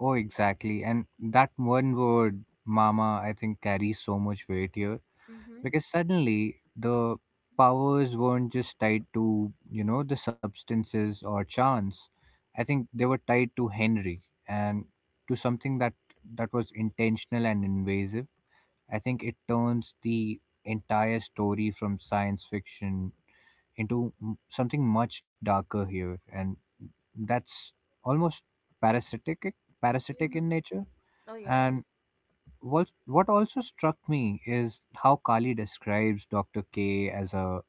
S2: Oh exactly, and that one word, Mama, I think carries so much weight here.
S1: Mm-hmm.
S2: Because suddenly, the powers weren't just tied to, you know, the substances or chance. I think they were tied to Henry, and to something that was intentional and invasive. I think it turns the entire story from science fiction into, something much darker here. And that's almost parasitic parasitic
S1: Mm-hmm.
S2: in nature.
S1: Oh
S2: And
S1: yes,
S2: what also struck me is how Kali describes Dr. K as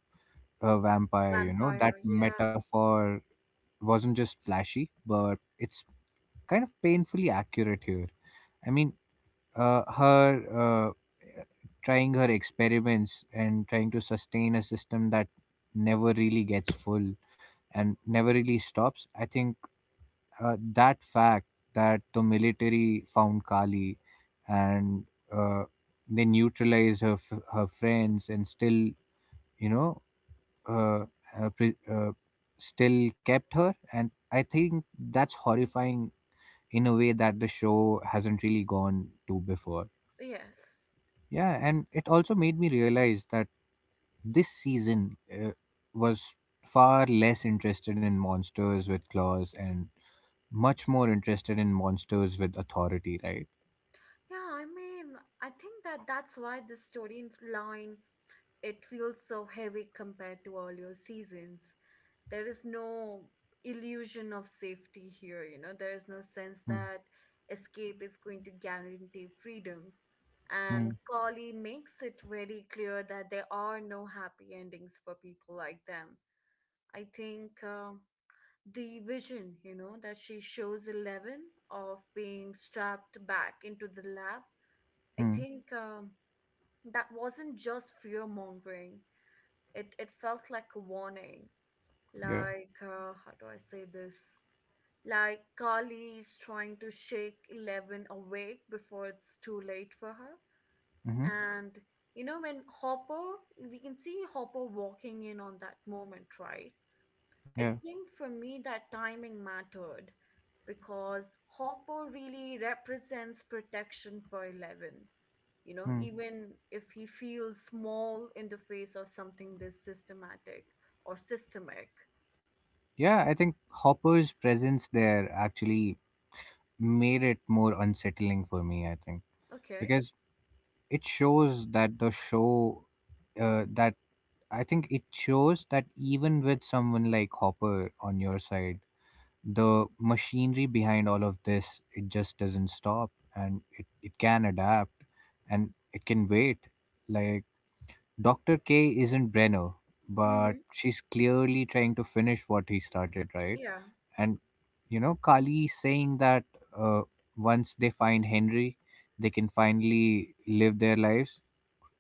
S2: a vampire, you know. That
S1: vampire. Yeah.
S2: metaphor wasn't just flashy, but it's kind of painfully accurate here. I mean, her uh, trying her experiments and trying to sustain a system that never really gets full and never really stops. I think, that fact that the military found Kali, and, uh, they neutralized her friends, and still, you know uh, uh, pre- uh, still kept her. And I think that's horrifying in a way that the show hasn't really gone to before.
S1: Yes.
S2: Yeah, and it also made me realize that this season, was far less interested in monsters with claws, and much more interested in monsters with authority, right?
S1: Yeah. I mean, I think that's why this storyline, it feels so heavy compared to earlier seasons. There is no illusion of safety here, you know, there is no sense
S2: Mm,
S1: that escape is going to guarantee freedom, and
S2: mm,
S1: Kali makes it very clear that there are no happy endings for people like them. I think the vision, you know, that she shows Eleven of being strapped back into the lab, I
S2: mm.
S1: think that wasn't just fear mongering. It felt like a warning.
S2: Yeah.
S1: Like, how do I say this? Like Carly is trying to shake Eleven awake before it's too late for her.
S2: Mm-hmm.
S1: Hmm. And you know, when Hopper, we can see Hopper walking in on that moment, right?
S2: Yeah.
S1: I think for me, that timing mattered because Hopper really represents protection for Eleven. You know,
S2: Mm.
S1: even if he feels small in the face of something this systematic or systemic.
S2: Yeah, I think Hopper's presence there actually made it more unsettling for me, I think,
S1: Okay.
S2: because it shows that the show that I think it shows that even with someone like Hopper on your side, the machinery behind all of this, it just doesn't stop, and it can adapt and it can wait. Like, Dr. K isn't Brenner, but
S1: Mm-hmm.
S2: she's clearly trying to finish what he started, right?
S1: Yeah.
S2: And you know, Kali saying that, uh, once they find Henry, they can finally live their lives,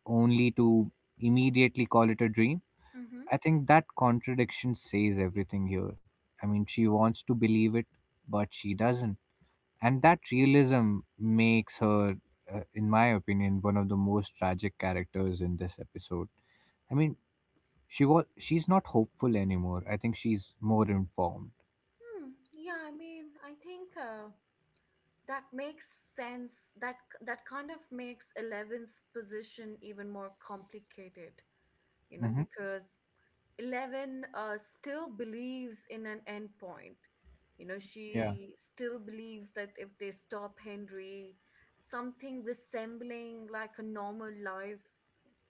S2: only to immediately call it a dream.
S1: Mm-hmm.
S2: I think that contradiction says everything here. I mean, she wants to believe it, but she doesn't. And that realism makes her, in my opinion, one of the most tragic characters in this episode. I mean, she's not hopeful anymore. I think she's more informed.
S1: Hmm, yeah, I mean, I think that makes sense. That kind of makes Eleven's position even more complicated, you know,
S2: hmm
S1: because Eleven still believes in an endpoint. You know,
S2: Yeah.
S1: she still believes that if they stop Henry, something resembling like a normal life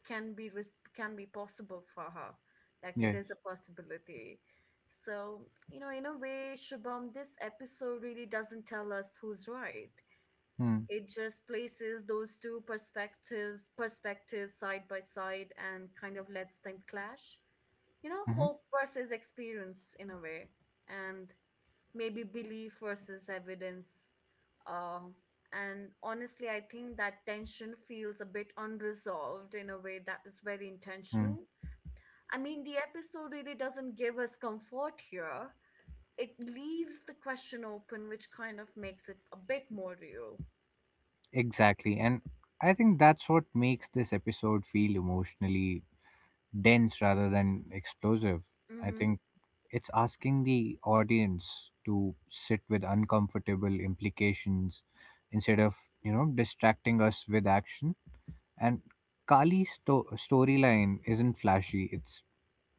S1: can be possible for her. Like it is a
S2: Yes.
S1: possibility. So, you know, in a way, Shubham, this episode really doesn't tell us who's right.
S2: Mm.
S1: It just places those two perspectives side by side and kind of lets them clash, you know,
S2: hmm
S1: hope versus experience in a way, and maybe belief versus evidence. Uh, and honestly, I think that tension feels a bit unresolved in a way that is very
S2: Mm.
S1: intentional. I mean, the episode really doesn't give us comfort here. It leaves the question open, which kind of makes it a bit more real.
S2: Exactly. And I think that's what makes this episode feel emotionally dense rather than explosive. I
S1: Mm-hmm.
S2: think it's asking the audience to sit with uncomfortable implications instead of distracting us with action. And storyline isn't flashy. It's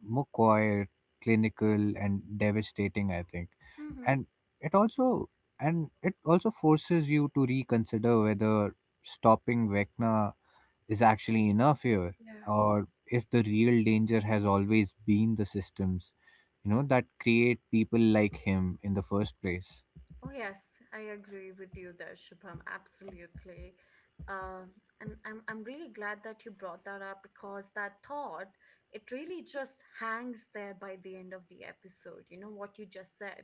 S2: more quiet, clinical, and devastating, I think.
S1: Mm-hmm.
S2: And it also it also forces you to reconsider whether stopping Vecna is actually enough here,
S1: Yeah.
S2: or if the real danger has always been the systems, you know, that create people like him in the first place.
S1: Oh, yes, I agree with you there, Shubham. Absolutely. Uh, and I'm really glad that you brought that up because that thought, it really just hangs there by the end of the episode. You know what you just said.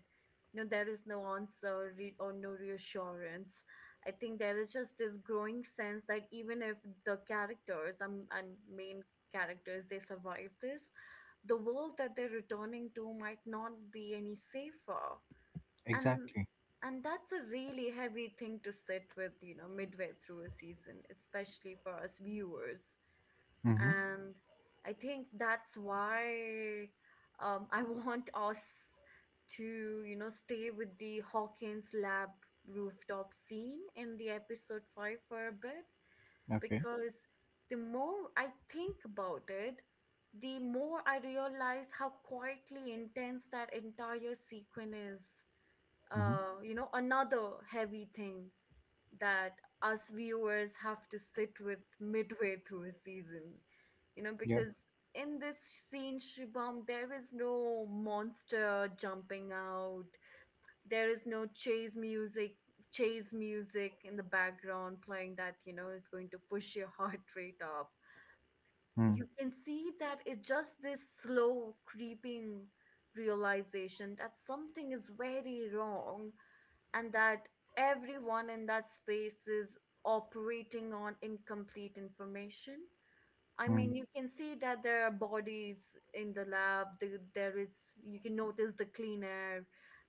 S1: No, there is no answer or no reassurance. I think there is just this growing sense that even if the characters, and main characters, they survive this, the world that they're returning to might not be any safer. And
S2: Exactly.
S1: and that's a really heavy thing to sit with, you know, midway through a season, especially for us viewers.
S2: Mm-hmm.
S1: And I think that's why I want us to, you know, stay with the Hawkins lab rooftop scene in the episode 5 for a bit,
S2: Okay.
S1: because the more I think about it, the more I realize how quietly intense that entire sequence is.
S2: Mm-hmm.
S1: You know, another heavy thing that us viewers have to sit with midway through a season. You know,
S2: Yeah.
S1: because in this scene, Shibam, there is no monster jumping out. There is no chase music, chase music in the background playing that, you know, is going to push your heart rate up.
S2: Mm-hmm.
S1: You can see that it's just this slow creeping realization that something is very wrong, and that everyone in that space is operating on incomplete information. I
S2: Mm-hmm.
S1: mean, you can see that there are bodies in the lab. There is, you can notice the clean air,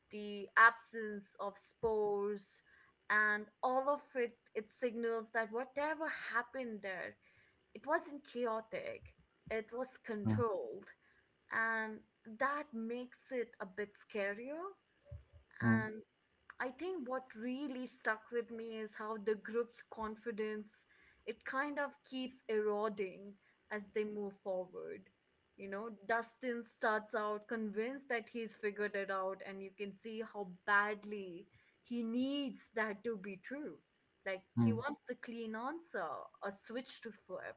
S1: the absence of spores, and all of it, it signals that whatever happened there, it wasn't chaotic, it was
S2: Mm-hmm.
S1: controlled. And that makes it a bit scarier. And I think what really stuck with me is how the group's confidence, it kind of keeps eroding as they move forward. You know, Dustin starts out convinced that he's figured it out, and you can see how badly he needs that to be true. Like, he
S2: Mm-hmm.
S1: wants a clean answer, a switch to flip,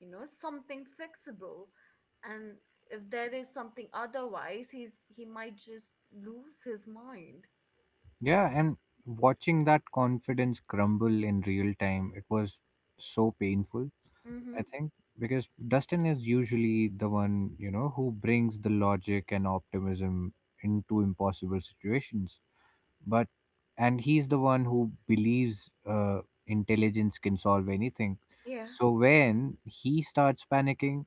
S1: you know, something fixable. And if there is something otherwise, he might just lose his mind.
S2: Yeah, and watching that confidence crumble in real time, it was so painful, I
S1: Mm-hmm.
S2: think, because Dustin is usually the one, you know, who brings the logic and optimism into impossible situations. But, and he's the one who believes intelligence can solve anything.
S1: Yeah,
S2: So when he starts panicking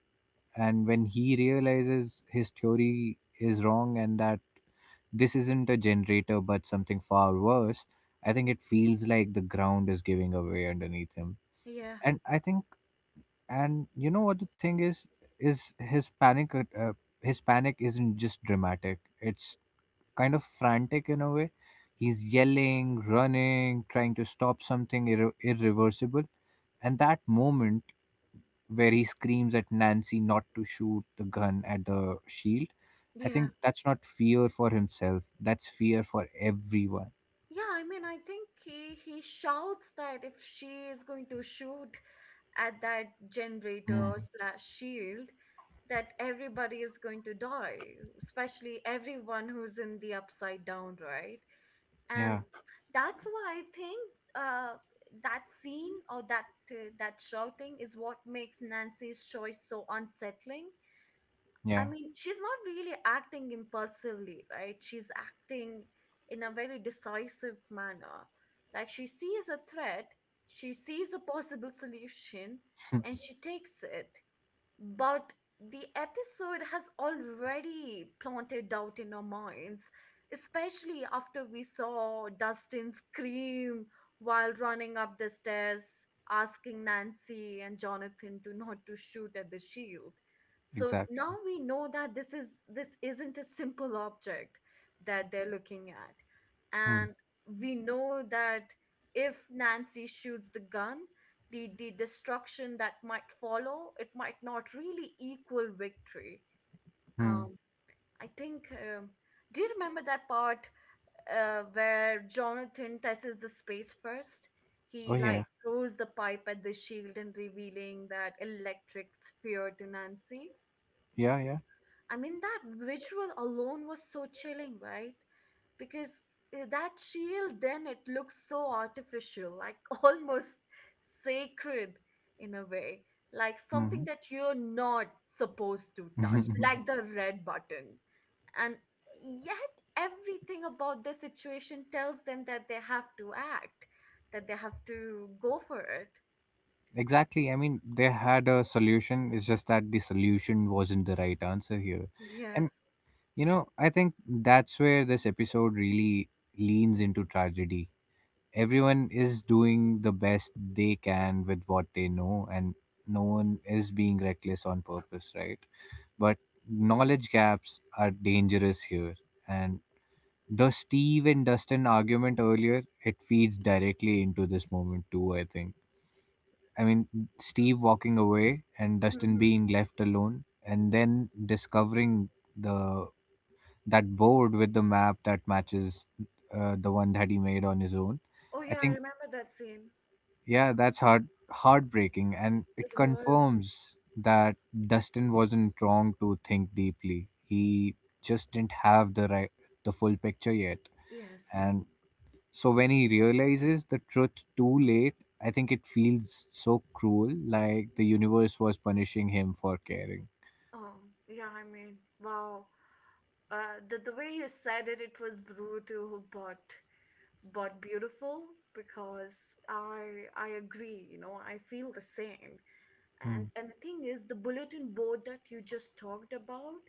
S2: and when he realizes his theory is wrong and that this isn't a generator, but something far worse. I think it feels like the ground is giving away underneath him.
S1: yeah,
S2: And I think, and you know what the thing is his panic. His panic isn't just dramatic. It's kind of frantic in a way. He's yelling, running, trying to stop something irreversible. And that moment where he screams at Nancy not to shoot the gun at the shield, I
S1: yeah.
S2: think that's not fear for himself. That's fear for everyone.
S1: Yeah, I mean, I think he shouts that if she is going to shoot at that generator
S2: Mm.
S1: slash shield, that everybody is going to die, especially everyone who's in the upside down, right? And
S2: Yeah,
S1: that's why I think uh that scene, or that shouting is what makes Nancy's choice so unsettling. I
S2: yeah,
S1: mean, she's not really acting impulsively, right? She's acting in a very decisive manner. Like, she sees a threat, she sees a possible solution, and she takes it. But the episode has already planted doubt in our minds, especially after we saw Dustin scream while running up the stairs, asking Nancy and Jonathan to not to shoot at the shield. So now
S2: exactly.
S1: we know that this isn't a simple object that they're looking at.
S2: Mm.
S1: And we know that if Nancy shoots the gun, the destruction that might follow, it might not really equal victory.
S2: Mm.
S1: Um, I think. Do you remember that part where Jonathan tests the space first? He
S2: Oh
S1: like
S2: yeah,
S1: throws the pipe at the shield and revealing that electric sphere to Nancy.
S2: yeah, yeah.
S1: I mean, that visual alone was so chilling, right? Because that shield, then it looks so artificial, like almost sacred in a way, like something
S2: hmm
S1: that you're not supposed to touch, like the red button. And yet, everything about the situation tells them that they have to act, that they have to go for it.
S2: exactly. I mean, they had a solution. It's just that the solution wasn't the right answer here.
S1: Yes.
S2: And you know, I think that's where this episode really leans into tragedy. Everyone is doing the best they can with what they know, and no one is being reckless on purpose, right? But knowledge gaps are dangerous here, and the Steve and Dustin argument earlier, it feeds directly into this moment too, I think. I mean, Steve walking away and Dustin
S1: Hmm.
S2: being left alone and then discovering the that board with the map that matches the one that he made on his own.
S1: Oh,
S2: I
S1: yeah, I
S2: think
S1: remember that scene.
S2: Yeah, that's heartbreaking and it
S1: It was.
S2: confirms that Dustin wasn't wrong to think deeply. He just didn't have the full picture yet.
S1: Yes.
S2: And so when he realizes the truth too late, I think it feels so cruel, like the universe was punishing him for caring.
S1: Oh, yeah, I mean, wow. The way you said it, it was brutal, but beautiful, because I agree, you know, I feel the same. And
S2: Hmm.
S1: and the thing is, the bulletin board that you just talked about,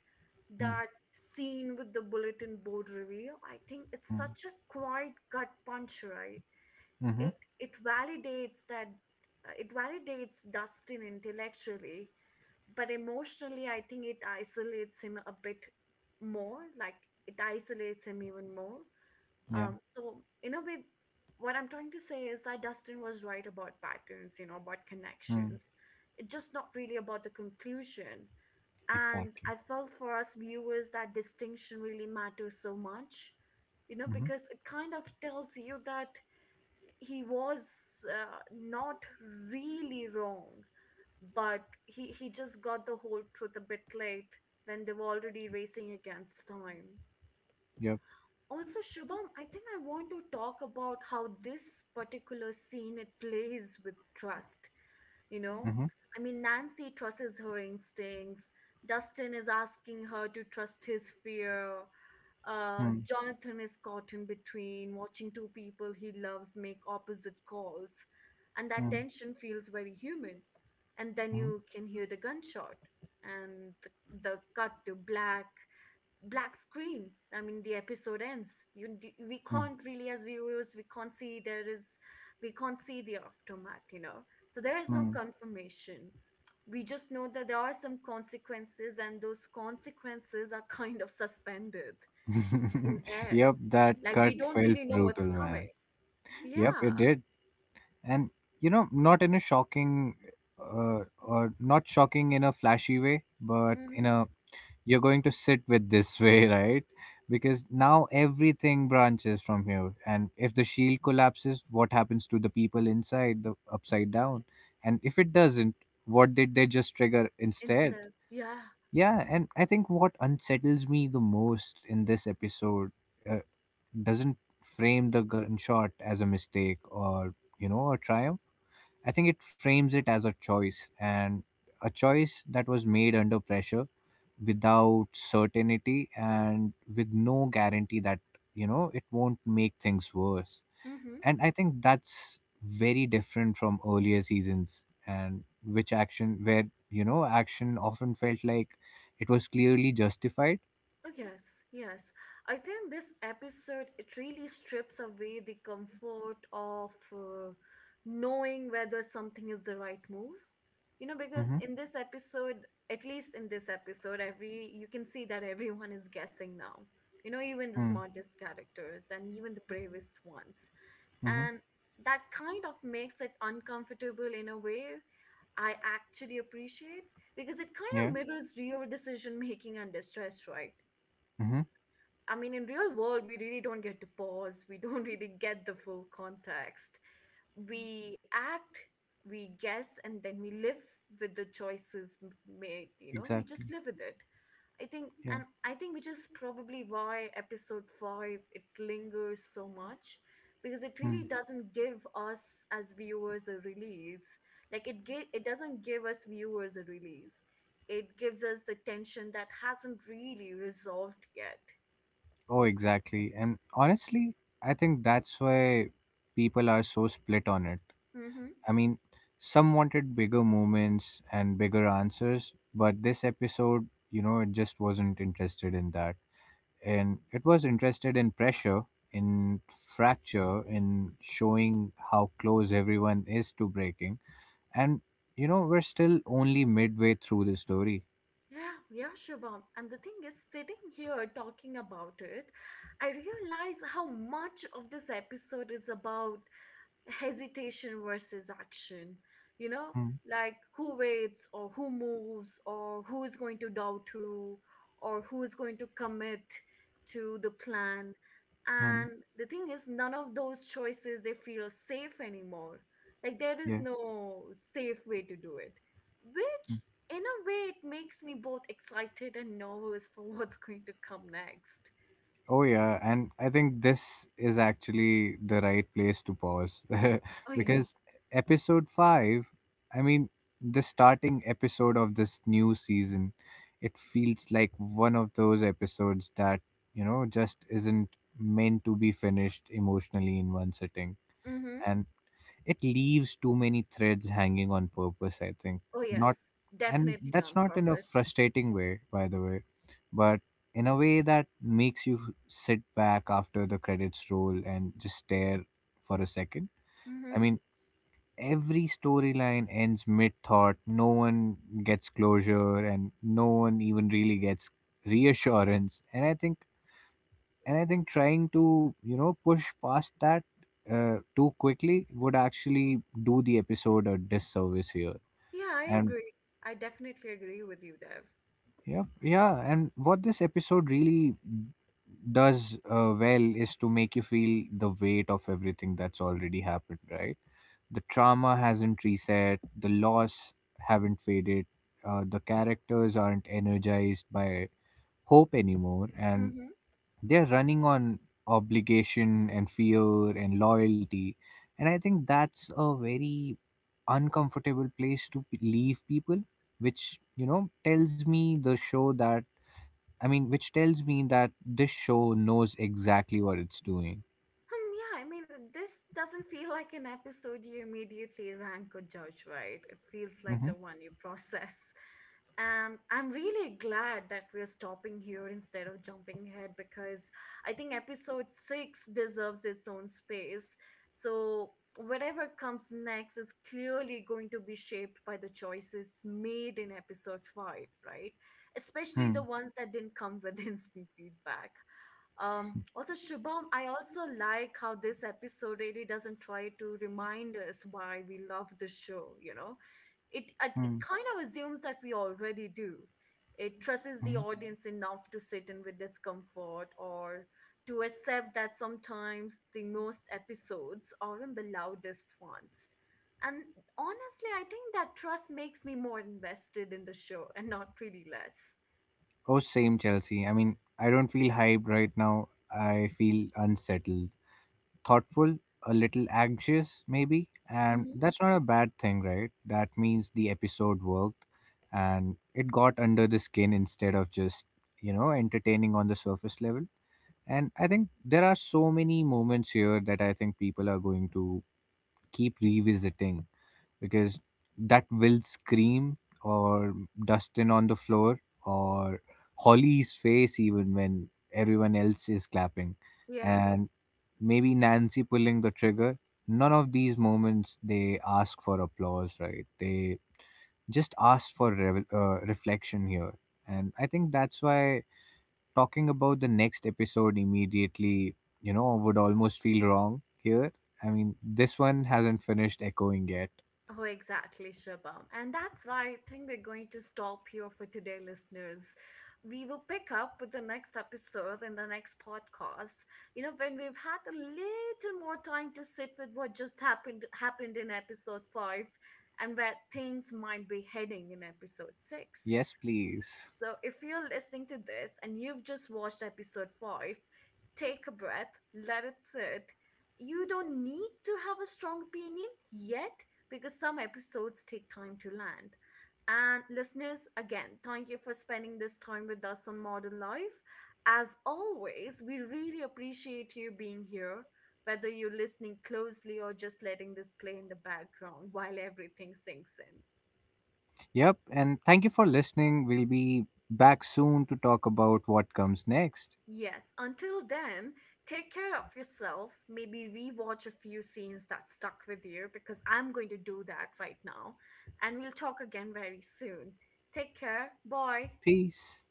S2: Hmm.
S1: that scene with the bulletin board reveal, I think it's
S2: Hmm.
S1: such a quiet gut punch, right?
S2: Mm-hmm.
S1: it it validates that it validates Dustin intellectually, but emotionally, I think it isolates him a bit more. It isolates him even more.
S2: Yeah.
S1: So in a way, what I'm trying to say is that Dustin was right about patterns, you know, about
S2: Hmm.
S1: connections. It's just not really about the conclusion. And
S2: Exactly.
S1: I felt for us viewers that distinction really matters so much, you know,
S2: Mm-hmm.
S1: because it kind of tells you that he was not really wrong, but he just got the whole truth a bit late when they were already racing against time.
S2: Yep.
S1: Also, Shubham, I think I want to talk about how this particular scene, it plays with trust, you know.
S2: Mm-hmm.
S1: I mean, Nancy trusts her instincts. Dustin is asking her to trust his fear. Uh,
S2: Hmm.
S1: Jonathan is caught in between watching two people he loves make opposite calls, and that
S2: Hmm.
S1: tension feels very human. And then
S2: Hmm.
S1: you can hear the gunshot and the cut to black, black screen. I mean, the episode ends. We can't really, as viewers, we can't see the aftermath, you know, so there is
S2: Hmm.
S1: no
S2: Hmm.
S1: confirmation. We just know that there are some consequences, and those consequences are kind of suspended in air.
S2: Yep,
S1: Like,
S2: that
S1: we don't
S2: cut
S1: really know
S2: felt
S1: what's
S2: brutal,
S1: coming.
S2: man. Yep,
S1: Yeah.
S2: it did. And, you know, not in a shocking, or not shocking in a flashy way, but in
S1: Mm-hmm.
S2: a you're going to sit with this way, right? Because now everything branches from here. And if the shield collapses, what happens to the people inside the upside down? And if it doesn't, what did they just trigger instead?
S1: Instead, yeah.
S2: Yeah, and I think what unsettles me the most in this episode uh, doesn't frame the gunshot as a mistake or, you know, a triumph. I think it frames it as a choice and a choice that was made under pressure without certainty and with no guarantee that, you know, it won't make things worse.
S1: Mm-hmm.
S2: And I think that's very different from earlier seasons, and which action, where, you know, action often felt like it was clearly justified.
S1: Oh, yes, yes. I think this episode, it really strips away the comfort of knowing whether something is the right move. You know, because
S2: Mm-hmm.
S1: in this episode, at least in this episode, every, you can see that everyone is guessing now. You know, even the
S2: Mm-hmm.
S1: smartest characters and even the bravest ones.
S2: Mm-hmm.
S1: And that kind of makes it uncomfortable in a way I actually appreciate, because it kind of
S2: Yeah.
S1: mirrors real decision making under stress, right?
S2: Mm-hmm.
S1: I mean, in real world, we really don't get to pause. We don't really get the full context. We act, we guess, and then we live with the choices made. You know, we
S2: Exactly.
S1: just live with it. I think,
S2: Yeah.
S1: and I think which is probably why episode five, it lingers so much, because it
S2: Mm.
S1: really doesn't give us as viewers a release. It doesn't give us viewers a release. It gives us the tension that hasn't really resolved yet.
S2: Oh exactly, and honestly I think that's why people are so split on it.
S1: Mm-hmm.
S2: I mean, some wanted bigger moments and bigger answers, but this episode, you know, it just wasn't interested in that. And it was interested in pressure, in fracture, in showing how close everyone is to breaking. And, you know, we're still only midway through the story.
S1: Yeah, yeah, Shubham. And the thing is, sitting here talking about it, I realize how much of this episode is about hesitation versus action, you know. Like, who waits, or who moves, or who is going to doubt who, or who is going to commit to the plan.
S2: Mm-hmm.
S1: And the thing is, none of those choices, they feel safe anymore. Like, there is
S2: Yeah.
S1: no safe way to do it, which, in a way, it makes me both excited and nervous for what's going to come next.
S2: Oh yeah, and I think this is actually the right place to pause
S1: Oh, yes.
S2: because episode 5, I mean, the starting episode of this new season, it feels like one of those episodes that, you know, just isn't meant to be finished emotionally in one sitting.
S1: Mm-hmm.
S2: And it leaves too many threads hanging on purpose, I think
S1: Oh,
S2: not
S1: yes,
S2: And
S1: definitely
S2: that's
S1: on
S2: not in a
S1: purpose.
S2: frustrating way, by the way, but in a way that makes you sit back after the credits roll and just stare for a second. I
S1: Mm-hmm.
S2: mean, every storyline ends mid thought, no one gets closure and no one even really gets reassurance. And I think trying to, you know, push past that too quickly would actually do the episode a disservice here.
S1: Yeah, I
S2: And
S1: agree. I definitely agree with you, Dev.
S2: yeah, yeah, and what this episode really does, well, is to make you feel the weight of everything that's already happened, right? The trauma hasn't reset, the loss haven't faded, the characters aren't energized by hope anymore, and
S1: Hmm.
S2: they're running on obligation and fear and loyalty. And I think that's a very uncomfortable place to leave people, which, you know, tells me the show that, I mean, which tells me that this show knows exactly what it's doing.
S1: Hmm, yeah, I mean, this doesn't feel like an episode you immediately rank or judge, right? It feels
S2: Mm-hmm.
S1: like the one you process. And I'm really glad that we're stopping here instead of jumping ahead, because I think episode six deserves its own space. So, whatever comes next is clearly going to be shaped by the choices made in episode five, right? Especially
S2: Hmm.
S1: the ones that didn't come with instant feedback. Also, Shubham, I also like how this episode really doesn't try to remind us why we love the show, you know? It
S2: Hmm.
S1: kind of assumes that we already do. It trusts
S2: Hmm.
S1: the audience enough to sit in with discomfort, or to accept that sometimes the most episodes aren't the loudest ones. And honestly, I think that trust makes me more invested in the show and not really less.
S2: Oh same, Chelsea. I mean, I don't feel hyped right now, I feel unsettled, thoughtful, a little anxious, maybe. And
S1: Hmm.
S2: that's not a bad thing, right? That means the episode worked and it got under the skin instead of just, you know, entertaining on the surface level. And I think there are so many moments here that I think people are going to keep revisiting because that will scream, or Dustin on the floor, or Holly's face even when everyone else is clapping.
S1: Yeah.
S2: And maybe Nancy pulling the trigger. None of these moments they ask for applause, right? They just ask for revel reflection here. And I think that's why talking about the next episode immediately, you know, would almost feel wrong here. I mean, this one hasn't finished echoing yet.
S1: Oh, exactly, Shubham. And that's why I think we're going to stop here for today, listeners. We will pick up with the next episode in the next podcast. You know, when we've had a little more time to sit with what just happened in episode five and where things might be heading in episode six.
S2: Yes, please.
S1: So if you're listening to this and you've just watched episode 5, take a breath, let it sit. You don't need to have a strong opinion yet, because some episodes take time to land. And listeners, again, thank you for spending this time with us on Modern Life. As always, we really appreciate you being here, whether you're listening closely or just letting this play in the background while everything sinks in.
S2: Yep, and thank you for listening. We'll be back soon to talk about what comes next.
S1: Yes, until then, take care of yourself. Maybe rewatch a few scenes that stuck with you, because I'm going to do that right now. And we'll talk again very soon. Take care. Bye.
S2: Peace.